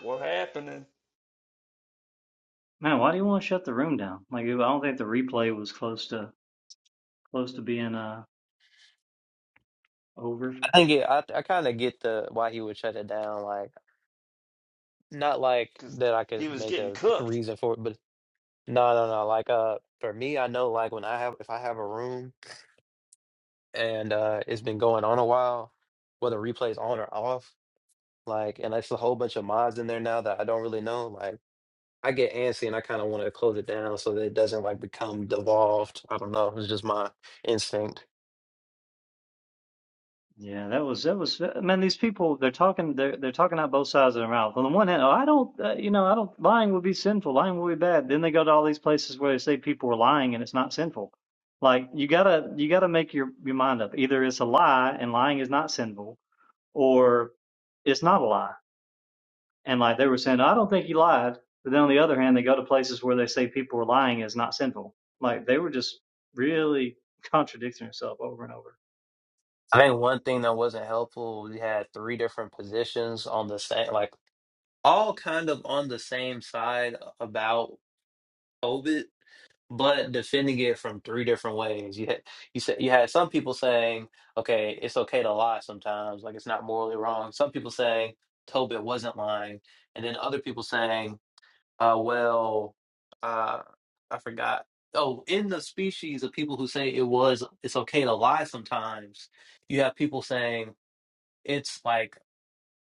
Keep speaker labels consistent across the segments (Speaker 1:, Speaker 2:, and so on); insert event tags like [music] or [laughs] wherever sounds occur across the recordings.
Speaker 1: what happened?
Speaker 2: Man, why do you want to shut the room down? Like, I don't think the replay was close to close to being uh over.
Speaker 3: I think it, I I kind of get the why he would shut it down. Like not like
Speaker 1: Because
Speaker 3: that I could
Speaker 1: he was
Speaker 3: make
Speaker 1: getting
Speaker 3: a
Speaker 1: cooked.
Speaker 3: reason for it, but no, no, no. Like uh, for me, I know like when I have if I have a room and uh it's been going on a while, whether replay's on or off, like and it's a whole bunch of mods in there now that I don't really know. Like I get antsy and I kind of want to close it down so that it doesn't like become devolved. I don't know. It's just my instinct.
Speaker 2: Yeah, that was that was. Man, these people they're talking they're they're talking out both sides of their mouth. On the one hand, oh, I don't uh, you know I don't lying would be sinful, lying would be bad. Then they go to all these places where they say people are lying and it's not sinful. Like you gotta you gotta make your your mind up. Either it's a lie and lying is not sinful, or it's not a lie And like they were saying, I don't think he lied. But then on the other hand, they go to places where they say people are lying is not sinful. Like they were just really [laughs] contradicting themselves over and over.
Speaker 3: I think one thing that wasn't helpful, we had three different positions on the same, like all kind of on the same side about COVID, but defending it from three different ways. You had you said you had some people saying, okay, it's okay to lie sometimes, like it's not morally wrong. Some people saying Tobit wasn't lying, and then other people saying, uh, well, uh, I forgot. Oh, in the species of people who say it was, it's okay to lie sometimes. You have people saying it's like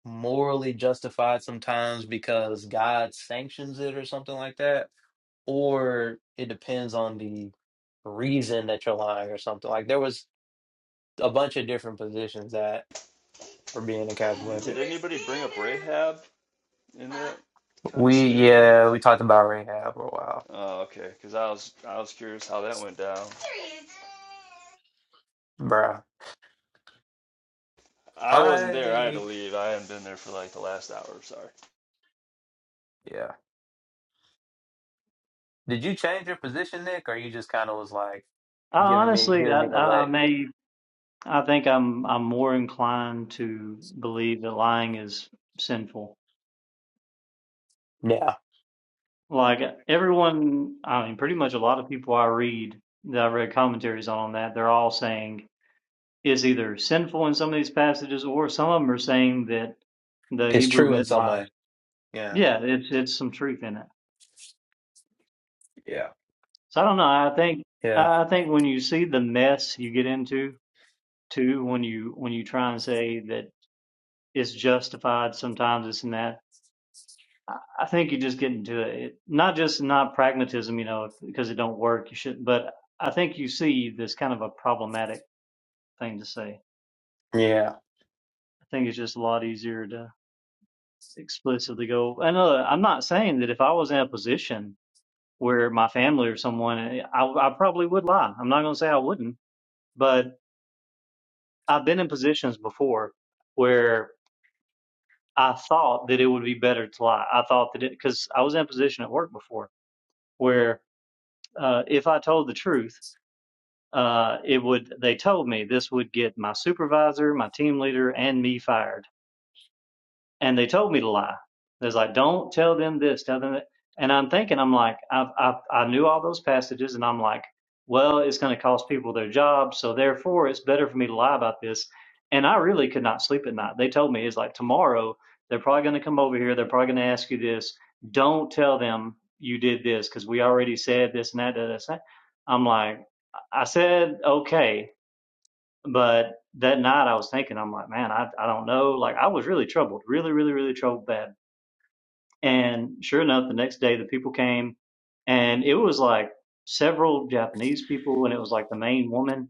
Speaker 3: morally justified sometimes because God sanctions it or something like that, or it depends on the reason that you're lying or something. Like there was a bunch of different positions that were being
Speaker 1: Did
Speaker 3: encapsulated.
Speaker 1: anybody bring up Rahab in that kind of
Speaker 3: We
Speaker 1: scenario?
Speaker 3: yeah, we talked about Rahab for a while,
Speaker 1: Oh, okay. Because I was I was curious how that went down.
Speaker 3: bruh.
Speaker 1: I wasn't there. I had to
Speaker 3: I
Speaker 1: leave. I hadn't been there for like the last hour. Sorry.
Speaker 3: yeah. Did you change your position, Nick, or you just kind of was like
Speaker 2: I
Speaker 3: giving me
Speaker 2: honestly,
Speaker 3: giving
Speaker 2: I,
Speaker 3: me a
Speaker 2: I, I
Speaker 3: leg?
Speaker 2: may, I think I'm, I'm more inclined to believe that lying is sinful.
Speaker 3: Yeah,
Speaker 2: Like everyone, I mean, pretty much a lot of people I read that I read commentaries on that, they're all saying is either sinful in some of these passages, or some of them are saying that the
Speaker 3: it's
Speaker 2: Hebrew
Speaker 3: true in some
Speaker 2: midwives
Speaker 3: way. Yeah,
Speaker 2: Yeah, it's it's some truth in it.
Speaker 3: yeah,
Speaker 2: So I don't know. I think
Speaker 3: yeah,
Speaker 2: I think when you see the mess you get into too, when you when you try and say that it's justified, sometimes it's in that. I I think you just get into it. Not just not pragmatism, you know, because it don't work. You should, but I think you see this kind of a problematic thing to say.
Speaker 3: yeah.
Speaker 2: I think it's just a lot easier to explicitly go. And uh, I'm not saying that if I was in a position where my family or someone, I, I probably would lie. I'm not going to say I wouldn't but. I've been in positions before where I thought that it would be better to lie. I thought that it because I was in a position at work before where uh, if I told the truth, uh, it would. They told me this would get my supervisor, my team leader, and me fired and they told me to lie. There's like, don't tell them this, tell them that. And I'm thinking, I'm like, I've, I, I knew all those passages, and I'm like, well, it's going to cost people their jobs, so therefore it's better for me to lie about this. And I really could not sleep at night. They told me it's like tomorrow they're probably going to come over here, they're probably going to ask you this. Don't tell them you did this because we already said this and that, that, that. that." I'm like, I said okay, but that night I was thinking, I'm like, man, I, I don't know. Like I was really troubled, really, really, really troubled bad. And sure enough, the next day the people came and it was like several Japanese people and it was like the main woman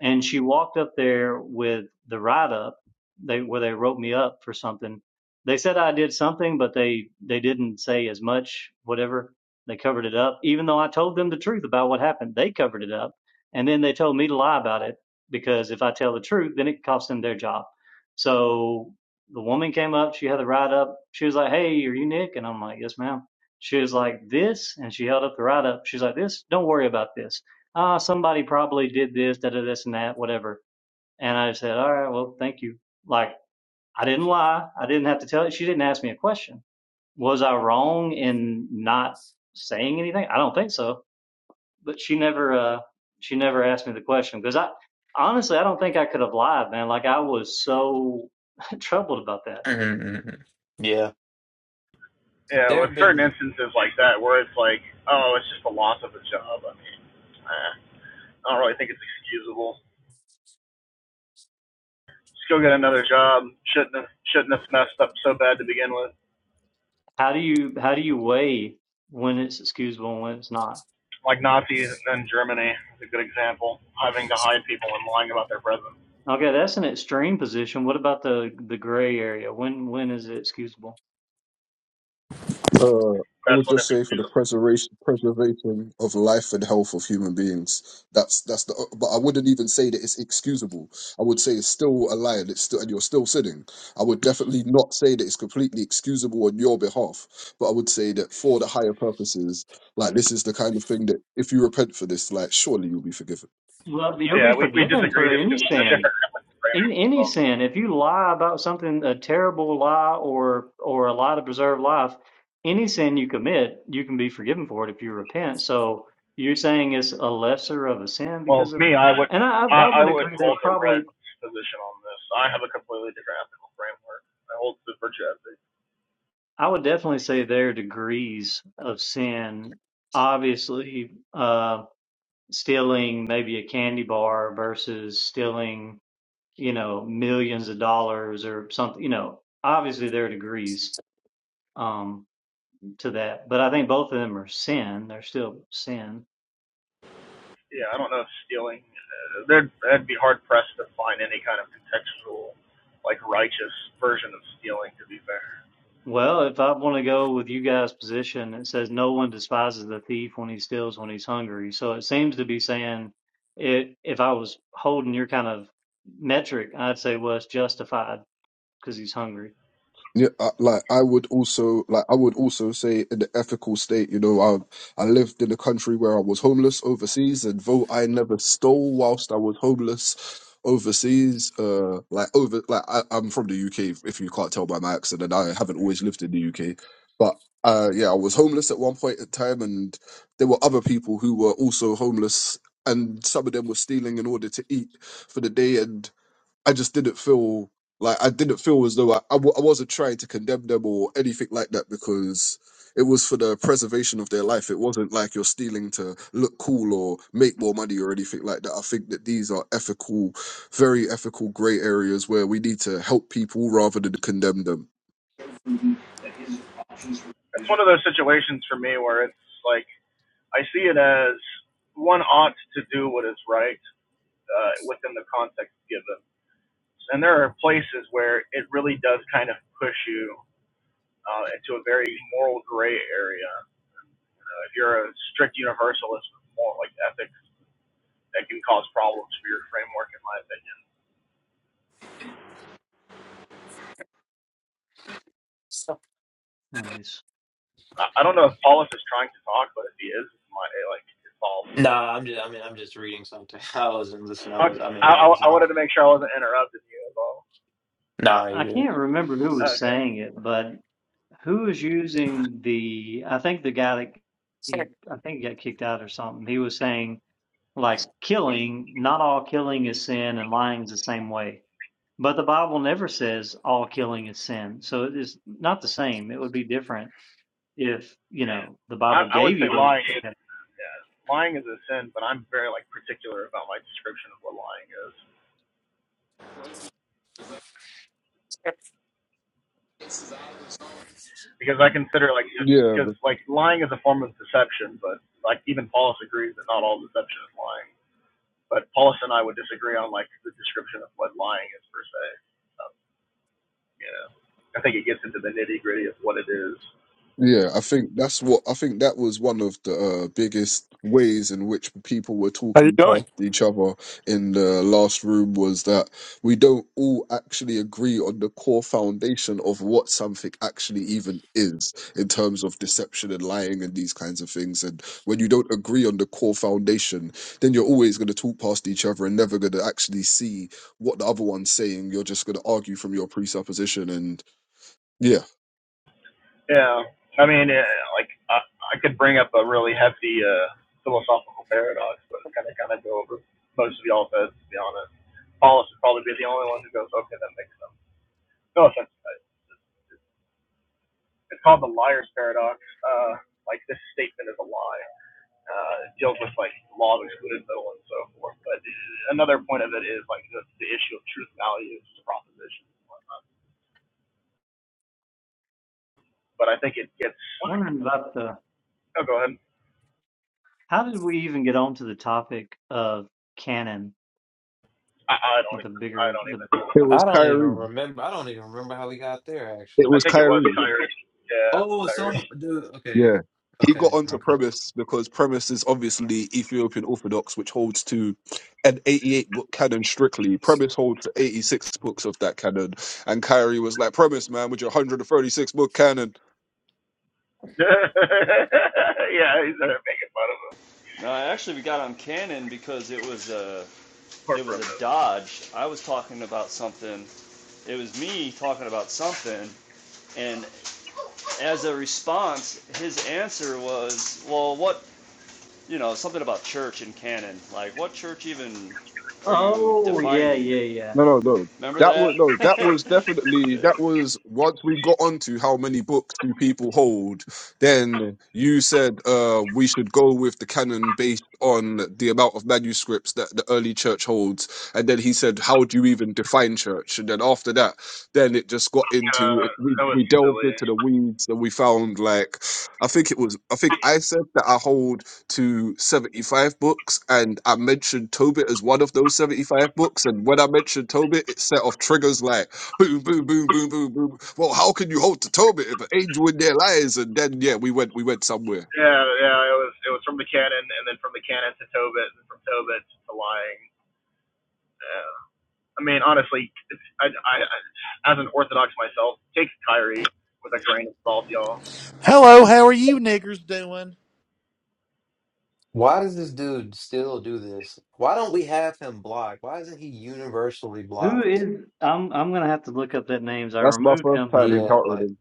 Speaker 2: and she walked up there with the write up they where they wrote me up for something they said i did something but they they didn't say as much whatever they covered it up even though i told them the truth about what happened they covered it up and then they told me to lie about it because if i tell the truth then it costs them their job so the woman came up she had the write up she was like hey are you nick and i'm like yes ma'am she was like this and she held up the write up she's like this don't worry about this ah, somebody probably did this, da da this and that, whatever. And I said, all right, well, thank you. Like I didn't lie. I didn't have to tell it. She didn't ask me a question. Was I wrong in not saying anything? I don't think so. But she never, uh, she never asked me the question because I honestly, I don't think I could have lied, man. Like I was so [laughs] troubled about that.
Speaker 3: Mhm, mhm, mhm. Yeah.
Speaker 4: Yeah,
Speaker 3: There
Speaker 4: with
Speaker 3: have
Speaker 4: certain
Speaker 3: been
Speaker 4: instances like that where it's like, oh, it's just the loss of a job. I mean, eh, I don't really think it's excusable. Just go get another job. Shouldn't have, shouldn't have messed up so bad to begin with.
Speaker 2: How do you, how do you weigh when it's excusable and when it's not?
Speaker 4: Like Nazis in Germany is a good example, having to hide people and lying about their presence.
Speaker 2: Okay, that's an extreme position. What about the the gray area? When when is it excusable?
Speaker 5: Uh, I
Speaker 4: That's
Speaker 5: would
Speaker 4: when
Speaker 5: just
Speaker 4: it's
Speaker 5: say for the
Speaker 4: excusable.
Speaker 5: preservation preservation of life and health of human beings. That's that's the. But I wouldn't even say that it's excusable. I would say it's still a lie. And it's still and you're still sinning. I would definitely not say that it's completely excusable on your behalf. But I would say that for the higher purposes, like this is the kind of thing that if you repent for this, like surely you'll be forgiven.
Speaker 2: Well, you'll be
Speaker 4: Yeah, we we
Speaker 2: forgiven
Speaker 4: disagree
Speaker 2: for
Speaker 4: just
Speaker 2: any
Speaker 4: because it's a
Speaker 2: sin,
Speaker 4: different
Speaker 2: in any
Speaker 4: frame.
Speaker 2: sin. If you lie about something, a terrible lie or or a lie to preserve life, any sin you commit, you can be forgiven for it if you repent. So you're saying it's a lesser of a sin
Speaker 4: Well,
Speaker 2: because of,
Speaker 4: me, I would
Speaker 2: and I I I
Speaker 4: I, I
Speaker 2: would
Speaker 4: would
Speaker 2: agree. There's
Speaker 4: hold the red
Speaker 2: probably
Speaker 4: position on this. I have a completely different ethical framework. I hold to virtue ethics.
Speaker 2: I would definitely say there are degrees of sin. Obviously, uh, stealing maybe a candy bar versus stealing you know, millions of dollars or something, you know, obviously there are degrees um, to that, but I think both of them are sin. They're still sin.
Speaker 4: yeah, I don't know if stealing, uh, there'd, that'd be hard pressed to find any kind of contextual, like righteous version of stealing. To be fair,
Speaker 2: Well, if I want to go with you guys' position, it says no one despises the thief when he steals when he's hungry. So it seems to be saying it, if I was holding your kind of metric, I'd say, well, it's justified because he's hungry.
Speaker 5: Yeah, I, like I would also like I would also say in the ethical state, you know, I I lived in a country where I was homeless overseas, and though I never stole whilst I was homeless overseas, uh, like over like I, I'm from the UK, if you can't tell by my accent, and I haven't always lived in the UK, but uh, yeah, I was homeless at one point in time, and there were other people who were also homeless, and some of them were stealing in order to eat for the day, and I just didn't feel like I didn't feel as though I I, w- I wasn't trying to condemn them or anything like that because it was for the preservation of their life. It wasn't like you're stealing to look cool or make more money or anything like that. I think that these are ethical, very ethical gray areas where we need to help people rather than condemn them.
Speaker 4: it's one of those situations for me where it's like I see it as one ought to do what is right uh, within the context given, and there are places where it really does kind of push you uh, into a very moral gray area. Uh, if you're a strict universalist with moral like ethics, that can cause problems for your framework, in my opinion.
Speaker 3: some.
Speaker 2: Anyways,
Speaker 4: I, don't know if Paulus is trying to talk, but if he is, it's my eh, like it's all.
Speaker 3: Nah, I'm just. I mean, I'm just reading something. [laughs] I wasn't listening. I was.
Speaker 4: Okay.
Speaker 3: I mean,
Speaker 4: I,
Speaker 3: I
Speaker 4: I I
Speaker 3: wasn't. Even...
Speaker 4: wanted to make sure I wasn't interrupting you at all.
Speaker 3: Nah, you
Speaker 2: I
Speaker 3: good.
Speaker 2: can't remember who was
Speaker 4: Okay.
Speaker 2: saying it, but Who was using the, I think the guy that
Speaker 3: Sorry.
Speaker 2: he, I think he got kicked out or something. He was saying, like, killing, not all killing is sin and lying is the same way. But the Bible never says all killing is sin. So it is not the same. It would be different if, you know, the
Speaker 4: I
Speaker 2: Bible
Speaker 4: I would
Speaker 2: gave
Speaker 4: say
Speaker 2: you those.
Speaker 4: lying is
Speaker 2: I'm
Speaker 4: yeah, lying is a sin, but I'm very like particular about my description of what lying is because I consider like
Speaker 5: Yeah.
Speaker 4: because like lying is a form of deception, but like even Paulus agrees that not all deception is lying. But Paulus and I would disagree on like the description of what lying is per se. Um, you know, I think it gets into the nitty gritty of what it is.
Speaker 5: Yeah, I think that's what I think that was one of the uh, biggest ways in which people were
Speaker 6: How you
Speaker 5: talking
Speaker 6: doing?
Speaker 5: past each other in the last room was that we don't all actually agree on the core foundation of what something actually even is in terms of deception and lying and these kinds of things. And when you don't agree on the core foundation, then you're always going to talk past each other and never going to actually see what the other one's saying. You're just going to argue from your presupposition. And yeah,
Speaker 4: Yeah, I mean, uh, like I, I could bring up a really hefty uh, philosophical paradox, but it's kind of kind of go over most of y'all's heads. To be honest, Paulus would probably be the only one who goes, "Okay, that makes sense." No offense. It's called the liar's paradox. Uh, like this statement is a lie. Uh, it deals with like law of excluded middle and so forth. But another point of it is like the, the issue of truth value is just a proposition. and whatnot. But I think it gets.
Speaker 2: Wondering about the,
Speaker 4: Oh, go ahead.
Speaker 2: how did we even get onto the topic of canon
Speaker 4: I, I don't.
Speaker 2: with the
Speaker 4: I
Speaker 2: bigger,
Speaker 4: don't
Speaker 2: the bigger.
Speaker 4: even.
Speaker 5: it was
Speaker 3: I don't even
Speaker 5: Kyrie.
Speaker 3: remember. I don't even remember how we got there.
Speaker 5: It
Speaker 3: Actually.
Speaker 4: I
Speaker 5: was
Speaker 4: think it was
Speaker 5: Kyrie.
Speaker 4: Kyrie. Yeah,
Speaker 3: Oh, some
Speaker 4: Kyrie.
Speaker 3: dude. Okay.
Speaker 5: Yeah. He
Speaker 3: Okay.
Speaker 5: got onto
Speaker 3: Okay.
Speaker 5: premise because premise is obviously Ethiopian Orthodox, which holds to an 88 book canon strictly. Premise holds to 86 books of that canon. And Kyrie was like, Premise, man, with your 136 book canon.
Speaker 4: [laughs] yeah, he started making fun of him.
Speaker 1: No, actually, we got on Canon because it was a
Speaker 4: Or
Speaker 1: it was
Speaker 4: from
Speaker 1: a
Speaker 4: this.
Speaker 1: Dodge. I was talking about something. It was me talking about something, and as a response, his answer was, "Well, what you know, something about church and canon. Like, what church even are you
Speaker 2: Oh, yeah
Speaker 1: defining?
Speaker 2: yeah, yeah,
Speaker 5: No, no, no.
Speaker 1: Remember
Speaker 5: That was no. That
Speaker 1: that?
Speaker 5: was definitely that
Speaker 1: [laughs]
Speaker 5: was once we got onto how many books do people hold. Then you said uh, we should go with the canon based on the amount of manuscripts that the early church holds, and then he said, "How do you even define church?" And then after that, then it just got into
Speaker 4: Uh,
Speaker 5: it, we
Speaker 4: that was
Speaker 5: we delved
Speaker 4: silly.
Speaker 5: into the weeds and we found like I think it was I think I said that I hold to 75 books, and I mentioned Tobit as one of those 75 books. And when I mentioned Tobit, it set off triggers like boom, boom, boom, boom, boom, boom. Well, how can you hold to Tobit if an angel in their lies? And then, yeah, we went, we went somewhere.
Speaker 4: Yeah, yeah, it was. It was from the cannon, and then from the cannon to Tobit, and from Tobit to lying. Yeah. I mean, honestly, I, I, I- as an Orthodox myself, take Kyrie with a grain of salt, y'all.
Speaker 7: Hello, how are you niggers doing?
Speaker 3: Why does this dude still do this? Why don't we have him blocked? Why isn't he universally
Speaker 2: Who
Speaker 3: blocked?
Speaker 2: is? I'm I'm gonna have to look up that names. I
Speaker 5: That's my
Speaker 2: removed
Speaker 5: first
Speaker 2: him, but I
Speaker 5: time
Speaker 2: didn't
Speaker 3: Yeah,
Speaker 2: look.
Speaker 5: encountering
Speaker 3: like,
Speaker 5: him.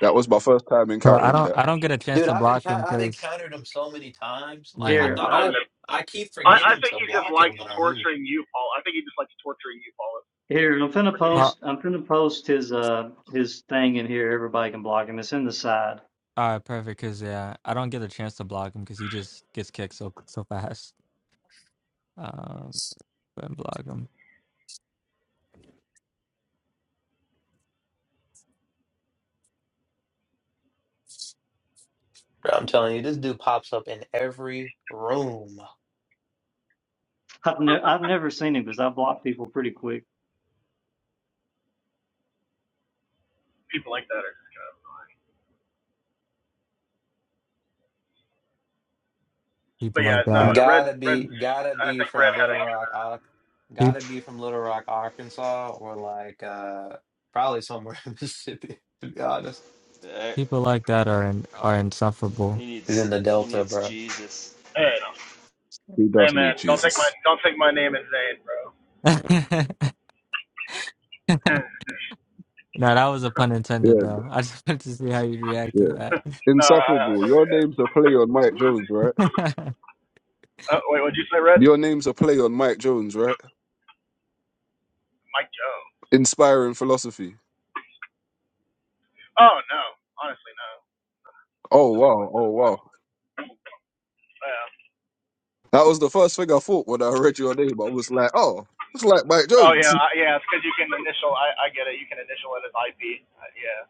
Speaker 5: That was my first time
Speaker 8: Well, I
Speaker 5: encountering
Speaker 8: don't
Speaker 5: that.
Speaker 8: I don't get a chance
Speaker 3: dude,
Speaker 8: to
Speaker 3: I've been
Speaker 8: block him
Speaker 3: I've
Speaker 8: because
Speaker 3: encountered him so many times. Like, I
Speaker 8: yeah.
Speaker 2: Here,
Speaker 3: thought
Speaker 4: I,
Speaker 3: I
Speaker 4: mean,
Speaker 2: I'll
Speaker 3: I keep
Speaker 4: I, I
Speaker 3: forgetting
Speaker 4: think
Speaker 3: to
Speaker 4: he just
Speaker 3: block him
Speaker 4: likes
Speaker 3: when I move.
Speaker 4: torturing you, Paul. I think he just likes torturing you, Paul. in
Speaker 2: here. I'm finna
Speaker 8: Oh,
Speaker 2: post. I'm finna post his uh his thing in here. Everybody can block him. It's in the side.
Speaker 8: all right, perfect. Because yeah, I don't get a chance to block him because he just gets kicked so so fast. [laughs] Um, and block him.
Speaker 3: I'm telling you, this dude pops up in every room.
Speaker 2: I've ne I've never seen him because I block people pretty quick.
Speaker 4: People like that. Are, but
Speaker 8: People like
Speaker 4: yeah, no,
Speaker 8: that.
Speaker 4: Red,
Speaker 3: Gotta
Speaker 4: Red.
Speaker 3: be, gotta
Speaker 4: I
Speaker 3: be
Speaker 4: think
Speaker 3: from
Speaker 4: Red had
Speaker 3: Little
Speaker 4: a
Speaker 3: Rock, Ar-
Speaker 8: pe-
Speaker 3: gotta be from Little Rock, Arkansas, or like uh probably somewhere [laughs] in Mississippi. To be honest,
Speaker 8: People like that are in, are insufferable.
Speaker 1: he
Speaker 3: is in
Speaker 1: needs
Speaker 3: the
Speaker 1: he
Speaker 3: Delta,
Speaker 1: needs
Speaker 3: bro.
Speaker 1: Jesus.
Speaker 4: Hey, no.
Speaker 5: He
Speaker 4: hey
Speaker 5: does need
Speaker 4: man, don't take my
Speaker 5: Jesus.
Speaker 4: don't take my name as Zane, bro.
Speaker 8: [laughs] no, that was a pun intended
Speaker 5: Yeah,
Speaker 8: though. I just wanted to see how you'd react to
Speaker 5: yeah.
Speaker 8: that.
Speaker 4: [laughs] no, I, I,
Speaker 5: Insufferable. Your name's a play on Mike Jones, right?
Speaker 8: [laughs]
Speaker 4: uh, wait, what'd you say, Red?
Speaker 5: Your name's a play on Mike Jones, right?
Speaker 4: Mike Joe.
Speaker 5: Inspiring philosophy.
Speaker 4: Oh no, honestly no,
Speaker 5: Oh
Speaker 4: it's just a
Speaker 5: wow, oh
Speaker 4: coincidence at
Speaker 5: wow.
Speaker 4: that point. Yeah.
Speaker 5: That was the first thing I thought when I read your name. I was like, oh, it's like Mike
Speaker 4: Oh
Speaker 5: Jones.
Speaker 4: yeah, I, yeah, it's because you can initial. I, I get it. You can initial it as IP. Uh, yeah.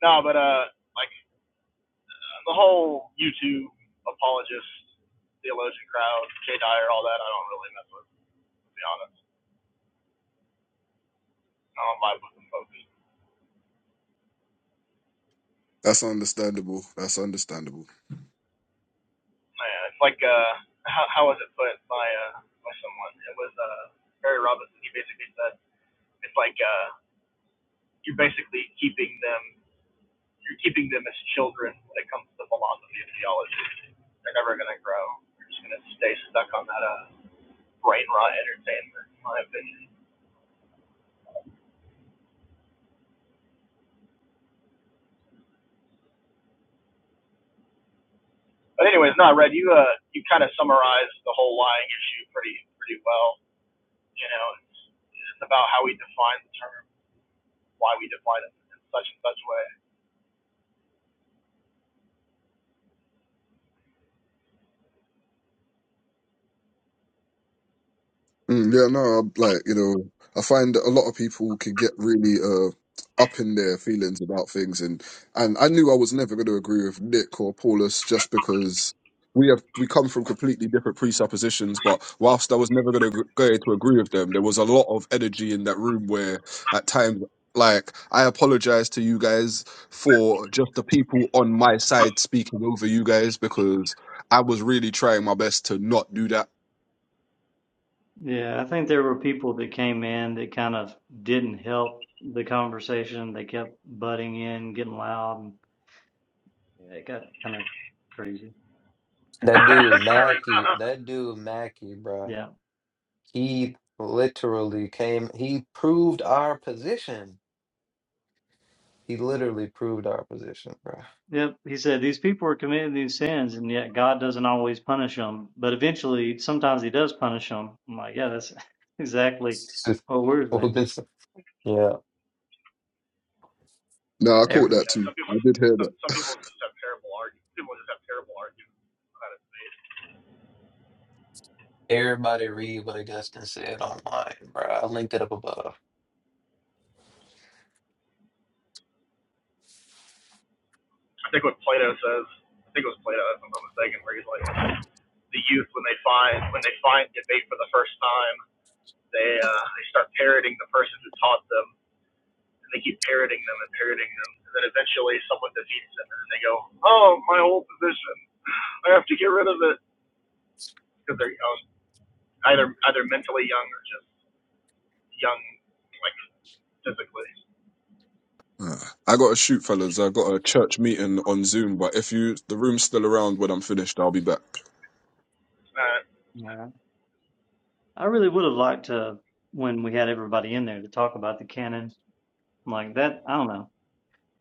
Speaker 4: No, but uh, like uh, the whole YouTube apologist, theologian crowd, Jay Dyer, all that. I don't really mess with, to be honest. I don't vibe with them folks.
Speaker 5: That's understandable. That's understandable.
Speaker 4: Yeah, it's like uh, how how was it put by uh by someone? It was uh Barry Robinson. He basically said it's like uh you're basically keeping them you're keeping them as children when it comes to the philosophy and theology. They're never gonna grow. They're just gonna stay stuck on that uh brain rot entertainment, in my opinion. But anyways, no, Red, you uh you kind of summarized the whole lying issue pretty pretty well. You know, it's, it's about how we define the term, why we define it in such and such way.
Speaker 5: Mm, yeah, no, I- like you know, I find that a lot of people can get really uh up in their feelings about things, and and I knew I was never going to agree with Nick or Paulus just because we have we come from completely different presuppositions. But whilst I was never going to go to agree with them, there was a lot of energy in that room where at times. Like I apologize to you guys for just the people on my side speaking over you guys because I was really trying my best to not do that
Speaker 2: Yeah, I think there were people that came in that kind of didn't help the conversation. They kept butting in, getting loud, and yeah, it got kind of crazy.
Speaker 4: [coughs]
Speaker 3: That dude
Speaker 4: [laughs]
Speaker 3: Mackey,
Speaker 4: Sorry.
Speaker 3: that dude Mackey, bro.
Speaker 2: Yeah.
Speaker 3: He literally came. He proved our position. He literally proved our position, bro.
Speaker 2: Yep, he said these people are committing these sins, and yet God doesn't always punish them. But eventually, sometimes He does punish them. I'm like, yeah, that's [laughs] exactly
Speaker 3: [laughs] It's
Speaker 2: what we're saying.
Speaker 3: just- yeah,
Speaker 5: No, I caught that
Speaker 4: Yeah,
Speaker 5: too.
Speaker 4: some people,
Speaker 5: I did hear
Speaker 4: some,
Speaker 5: that.
Speaker 4: some people just have terrible arguments. People just have terrible arguments.
Speaker 3: Everybody read what Augustine said online, bro. I linked it up above
Speaker 4: I think what Plato says, I think it was Plato, if I'm not mistaken, where he's like, the youth when they find when they find debate for the first time, they uh, they start parroting the person who taught them, and they keep parroting them and parroting them, and then eventually someone defeats them, and then they go, oh, my whole position, I have to get rid of it because they're young, either either mentally young or just young like physically.
Speaker 5: Ah, I got to shoot, fellas. I got a church meeting on Zoom, but if you the room's still around when I'm finished, I'll be back.
Speaker 4: Uh,
Speaker 2: Yeah. I really would have liked to when we had everybody in there to talk about the canon. I'm like that. I don't know.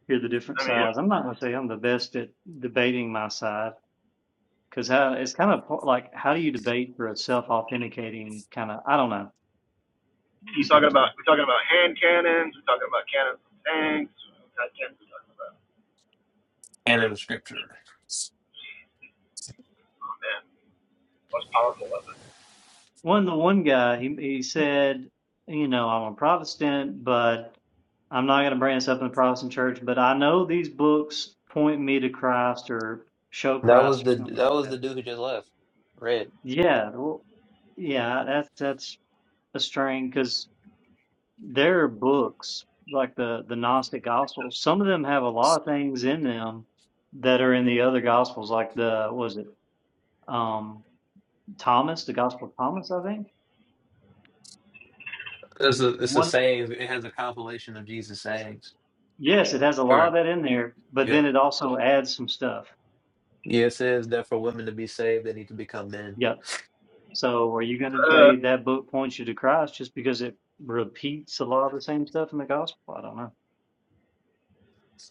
Speaker 2: Hear the different
Speaker 4: I mean.
Speaker 2: sides. I'm not gonna say I'm the best at debating my side because how it's kind of po- like how do you debate for a self-authenticating kind of? I don't know. You
Speaker 4: She's
Speaker 2: just have
Speaker 4: talking
Speaker 2: to.
Speaker 4: about we're talking about hand cannons, we're talking about cannons from tanks, what kind of cannons we're talking about.
Speaker 3: and in the scripture.
Speaker 4: Oh man, most powerful weapon.
Speaker 2: one the one guy he he said, you know, I'm a Protestant, but I'm not going to branch up in the Protestant church. But I know these books point me to Christ or show
Speaker 3: That was
Speaker 2: Christ or
Speaker 3: the
Speaker 2: something
Speaker 3: that
Speaker 2: like
Speaker 3: was the
Speaker 2: that.
Speaker 3: dude who just left. Read.
Speaker 2: Yeah, well, yeah, that's that's a strain because there are books like the the Gnostic Gospels. Some of them have a lot of things in them that are in the other Gospels, like the what was it um Thomas, the Gospel of Thomas, I think.
Speaker 3: It's a
Speaker 2: Mhm.
Speaker 3: it's a
Speaker 2: One
Speaker 3: saying. It has a compilation of Jesus' sayings.
Speaker 2: Yes, it has a
Speaker 3: All
Speaker 2: lot
Speaker 3: right.
Speaker 2: of that in there, but
Speaker 3: Yeah.
Speaker 2: then it also adds some stuff.
Speaker 3: Yeah. It says that for women to be saved, they need to become men.
Speaker 2: Yep. So are you going to
Speaker 4: Uh
Speaker 2: say that book points you to Christ just because it repeats a lot of the same stuff in the gospel? I don't know.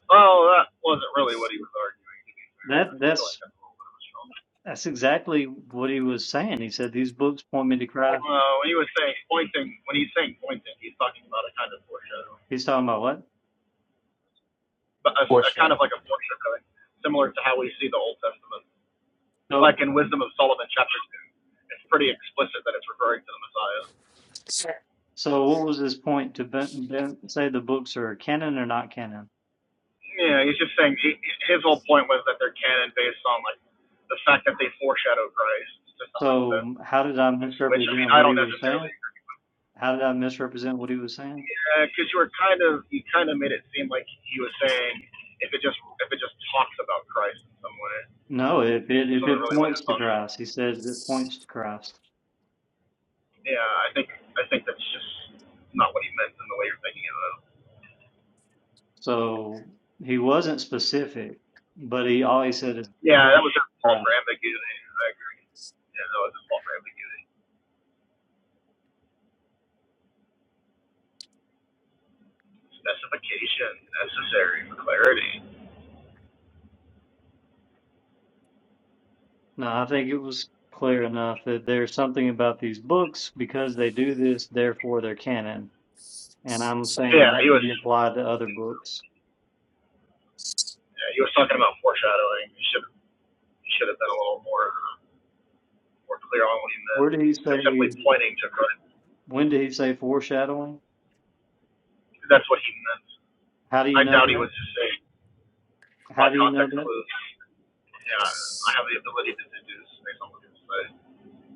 Speaker 4: well that wasn't really what he was arguing to be fair. I
Speaker 2: That
Speaker 4: just feel like
Speaker 2: that's
Speaker 4: that's a little bit of a strong
Speaker 2: that's exactly what he was saying. He said these books point me to Christ.
Speaker 4: Well, when he was saying pointing when he's saying pointing, he's talking about a kind of foreshadowing.
Speaker 2: He's talking about what?
Speaker 4: But a,
Speaker 3: For
Speaker 4: a
Speaker 3: sure.
Speaker 4: kind of like a foreshadowing, similar to how we see the Old Testament. Like
Speaker 2: So
Speaker 4: in Wisdom of Solomon chapter two. It's pretty explicit that it's referring to the Messiah.
Speaker 2: so what was his point to ben, ben, say the books are canon or not canon?
Speaker 4: Yeah, he's just saying he, his whole point was that they're canon based on like the fact that they foreshadow Christ to some extent,
Speaker 2: So how did I
Speaker 4: which I mean
Speaker 2: misrepresent
Speaker 4: I
Speaker 2: what he
Speaker 4: don't
Speaker 2: was saying?
Speaker 4: necessarily agree.
Speaker 2: How did I misrepresent what he was saying?
Speaker 4: Yeah, Because you were kind of you kind of made it seem like he was saying if it just if it just talks about Christ in some way,
Speaker 2: No, if it
Speaker 4: which
Speaker 2: if
Speaker 4: wasn't
Speaker 2: it
Speaker 4: really what he
Speaker 2: points
Speaker 4: was
Speaker 2: to
Speaker 4: talking. About.
Speaker 2: Christ, he says it points to Christ.
Speaker 4: Yeah, I think I think that's just not what he meant in the way you're thinking of it.
Speaker 2: So he wasn't specific, but he always said it
Speaker 4: Yeah, that
Speaker 2: points to
Speaker 4: was his fault for
Speaker 2: Christ.
Speaker 4: ambiguity. I agree. Yeah, that was his fault for ambiguity. Specification necessary for clarity.
Speaker 2: Now I think it was clear enough that there's something about these books because they do this, therefore they're canon. And I'm saying
Speaker 4: Yeah,
Speaker 2: that
Speaker 4: he
Speaker 2: could be
Speaker 4: was.
Speaker 2: applied to other books.
Speaker 4: Yeah, he was talking about foreshadowing. He should he should have been a little more more clear on what he meant.
Speaker 2: Where did he
Speaker 4: He was
Speaker 2: say?
Speaker 4: simply pointing to Christ.
Speaker 2: When did he say foreshadowing?
Speaker 4: That's what he meant.
Speaker 2: How do
Speaker 4: I
Speaker 2: you
Speaker 4: doubt
Speaker 2: know
Speaker 4: he
Speaker 2: that?
Speaker 4: was just saying by
Speaker 2: How do you know
Speaker 4: context
Speaker 2: that?
Speaker 4: clues. Yeah, I have the ability to deduce based on what people say.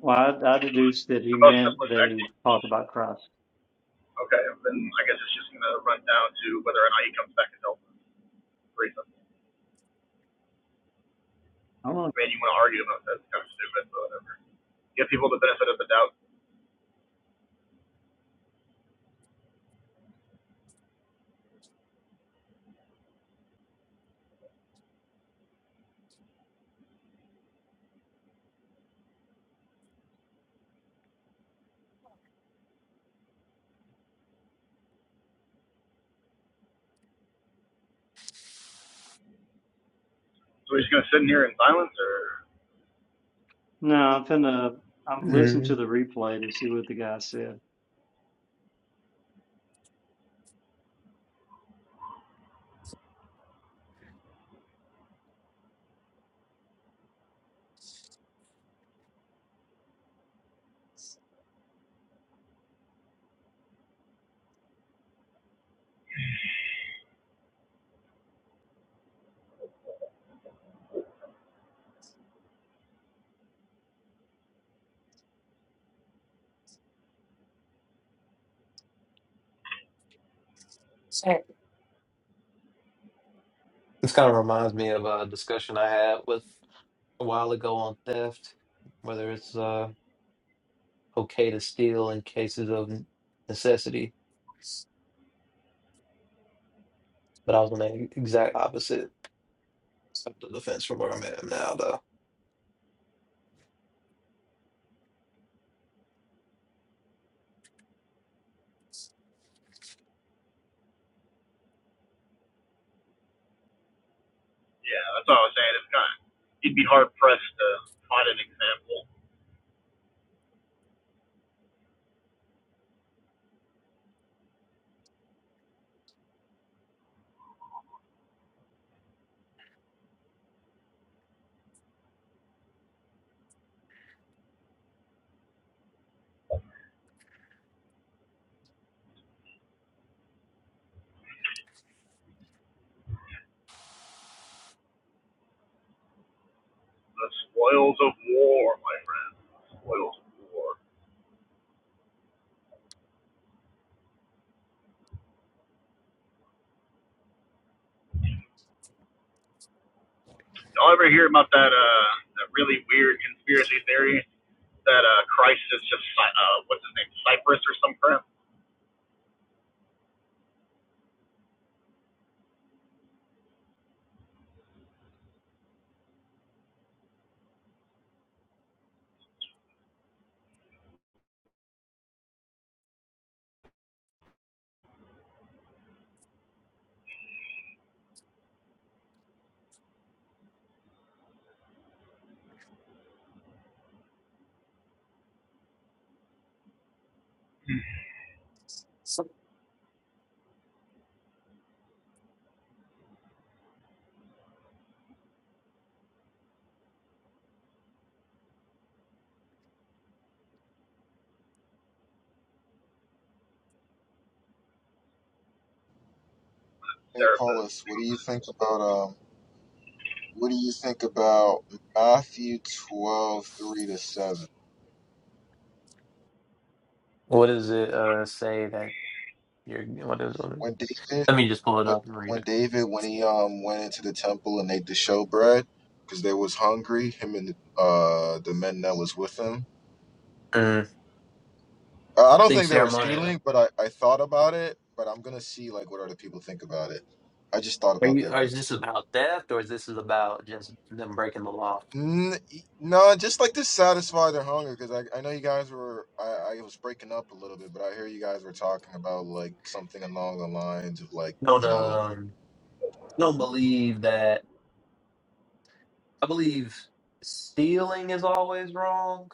Speaker 2: Well, I, I deduced that he
Speaker 4: The most
Speaker 2: meant
Speaker 4: simplest
Speaker 2: they talk
Speaker 4: explanation.
Speaker 2: about Christ.
Speaker 4: Okay, then I guess it's just gonna run down to whether or not he comes back and helps reason.
Speaker 2: I don't know.
Speaker 4: I mean, you want to argue about that? It's kind of stupid, but whatever. Give people the benefit of the doubt. So we're just gonna sit in here in silence, or
Speaker 2: No, I'm finna. I'm listening to
Speaker 3: Mhm.
Speaker 2: the replay to see what the guy said.
Speaker 3: This kind of reminds me of a discussion I had with a while ago on theft, whether it's uh, okay to steal in cases of necessity. But I was on the exact opposite. up to the fence from where I'm at now, though.
Speaker 4: Yeah, that's what I was saying. It's kind of, you'd be hard pressed to find an example. The spoils of war, my friend. The Spoils of war. Y'all ever hear about that uh that really weird conspiracy theory that uh Christ is just Cy- uh what's his name Cyprus or some crap?
Speaker 9: Hey,
Speaker 4: Serapis.
Speaker 9: Paulus, what do you think about um? What do you think about Matthew twelve three to seven?
Speaker 3: What does it uh, say that you're? What is what? is-
Speaker 9: When David,
Speaker 3: Let me just pull it
Speaker 9: when
Speaker 3: up and read
Speaker 9: when
Speaker 3: it.
Speaker 9: David, when he um went into the temple and ate the showbread, because they was hungry, him and uh the men that was with him.
Speaker 3: Mm,
Speaker 9: I I
Speaker 3: I
Speaker 9: don't
Speaker 3: think
Speaker 9: think they were
Speaker 3: ceremonial.
Speaker 9: stealing, but I I thought about it. But I'm gonna see like what other people think about it. I just thought
Speaker 3: Are
Speaker 9: about
Speaker 3: you?
Speaker 9: that
Speaker 3: Are, is this
Speaker 9: verse.
Speaker 3: about theft, or is this is about just them breaking the law?
Speaker 9: N- y- No, just like to satisfy their hunger because I, I know you guys were I, I was breaking up a little bit, but I hear you guys were talking about like something along the lines of like
Speaker 3: Don't
Speaker 9: you know
Speaker 3: um, don't believe that. I believe stealing is always wrong.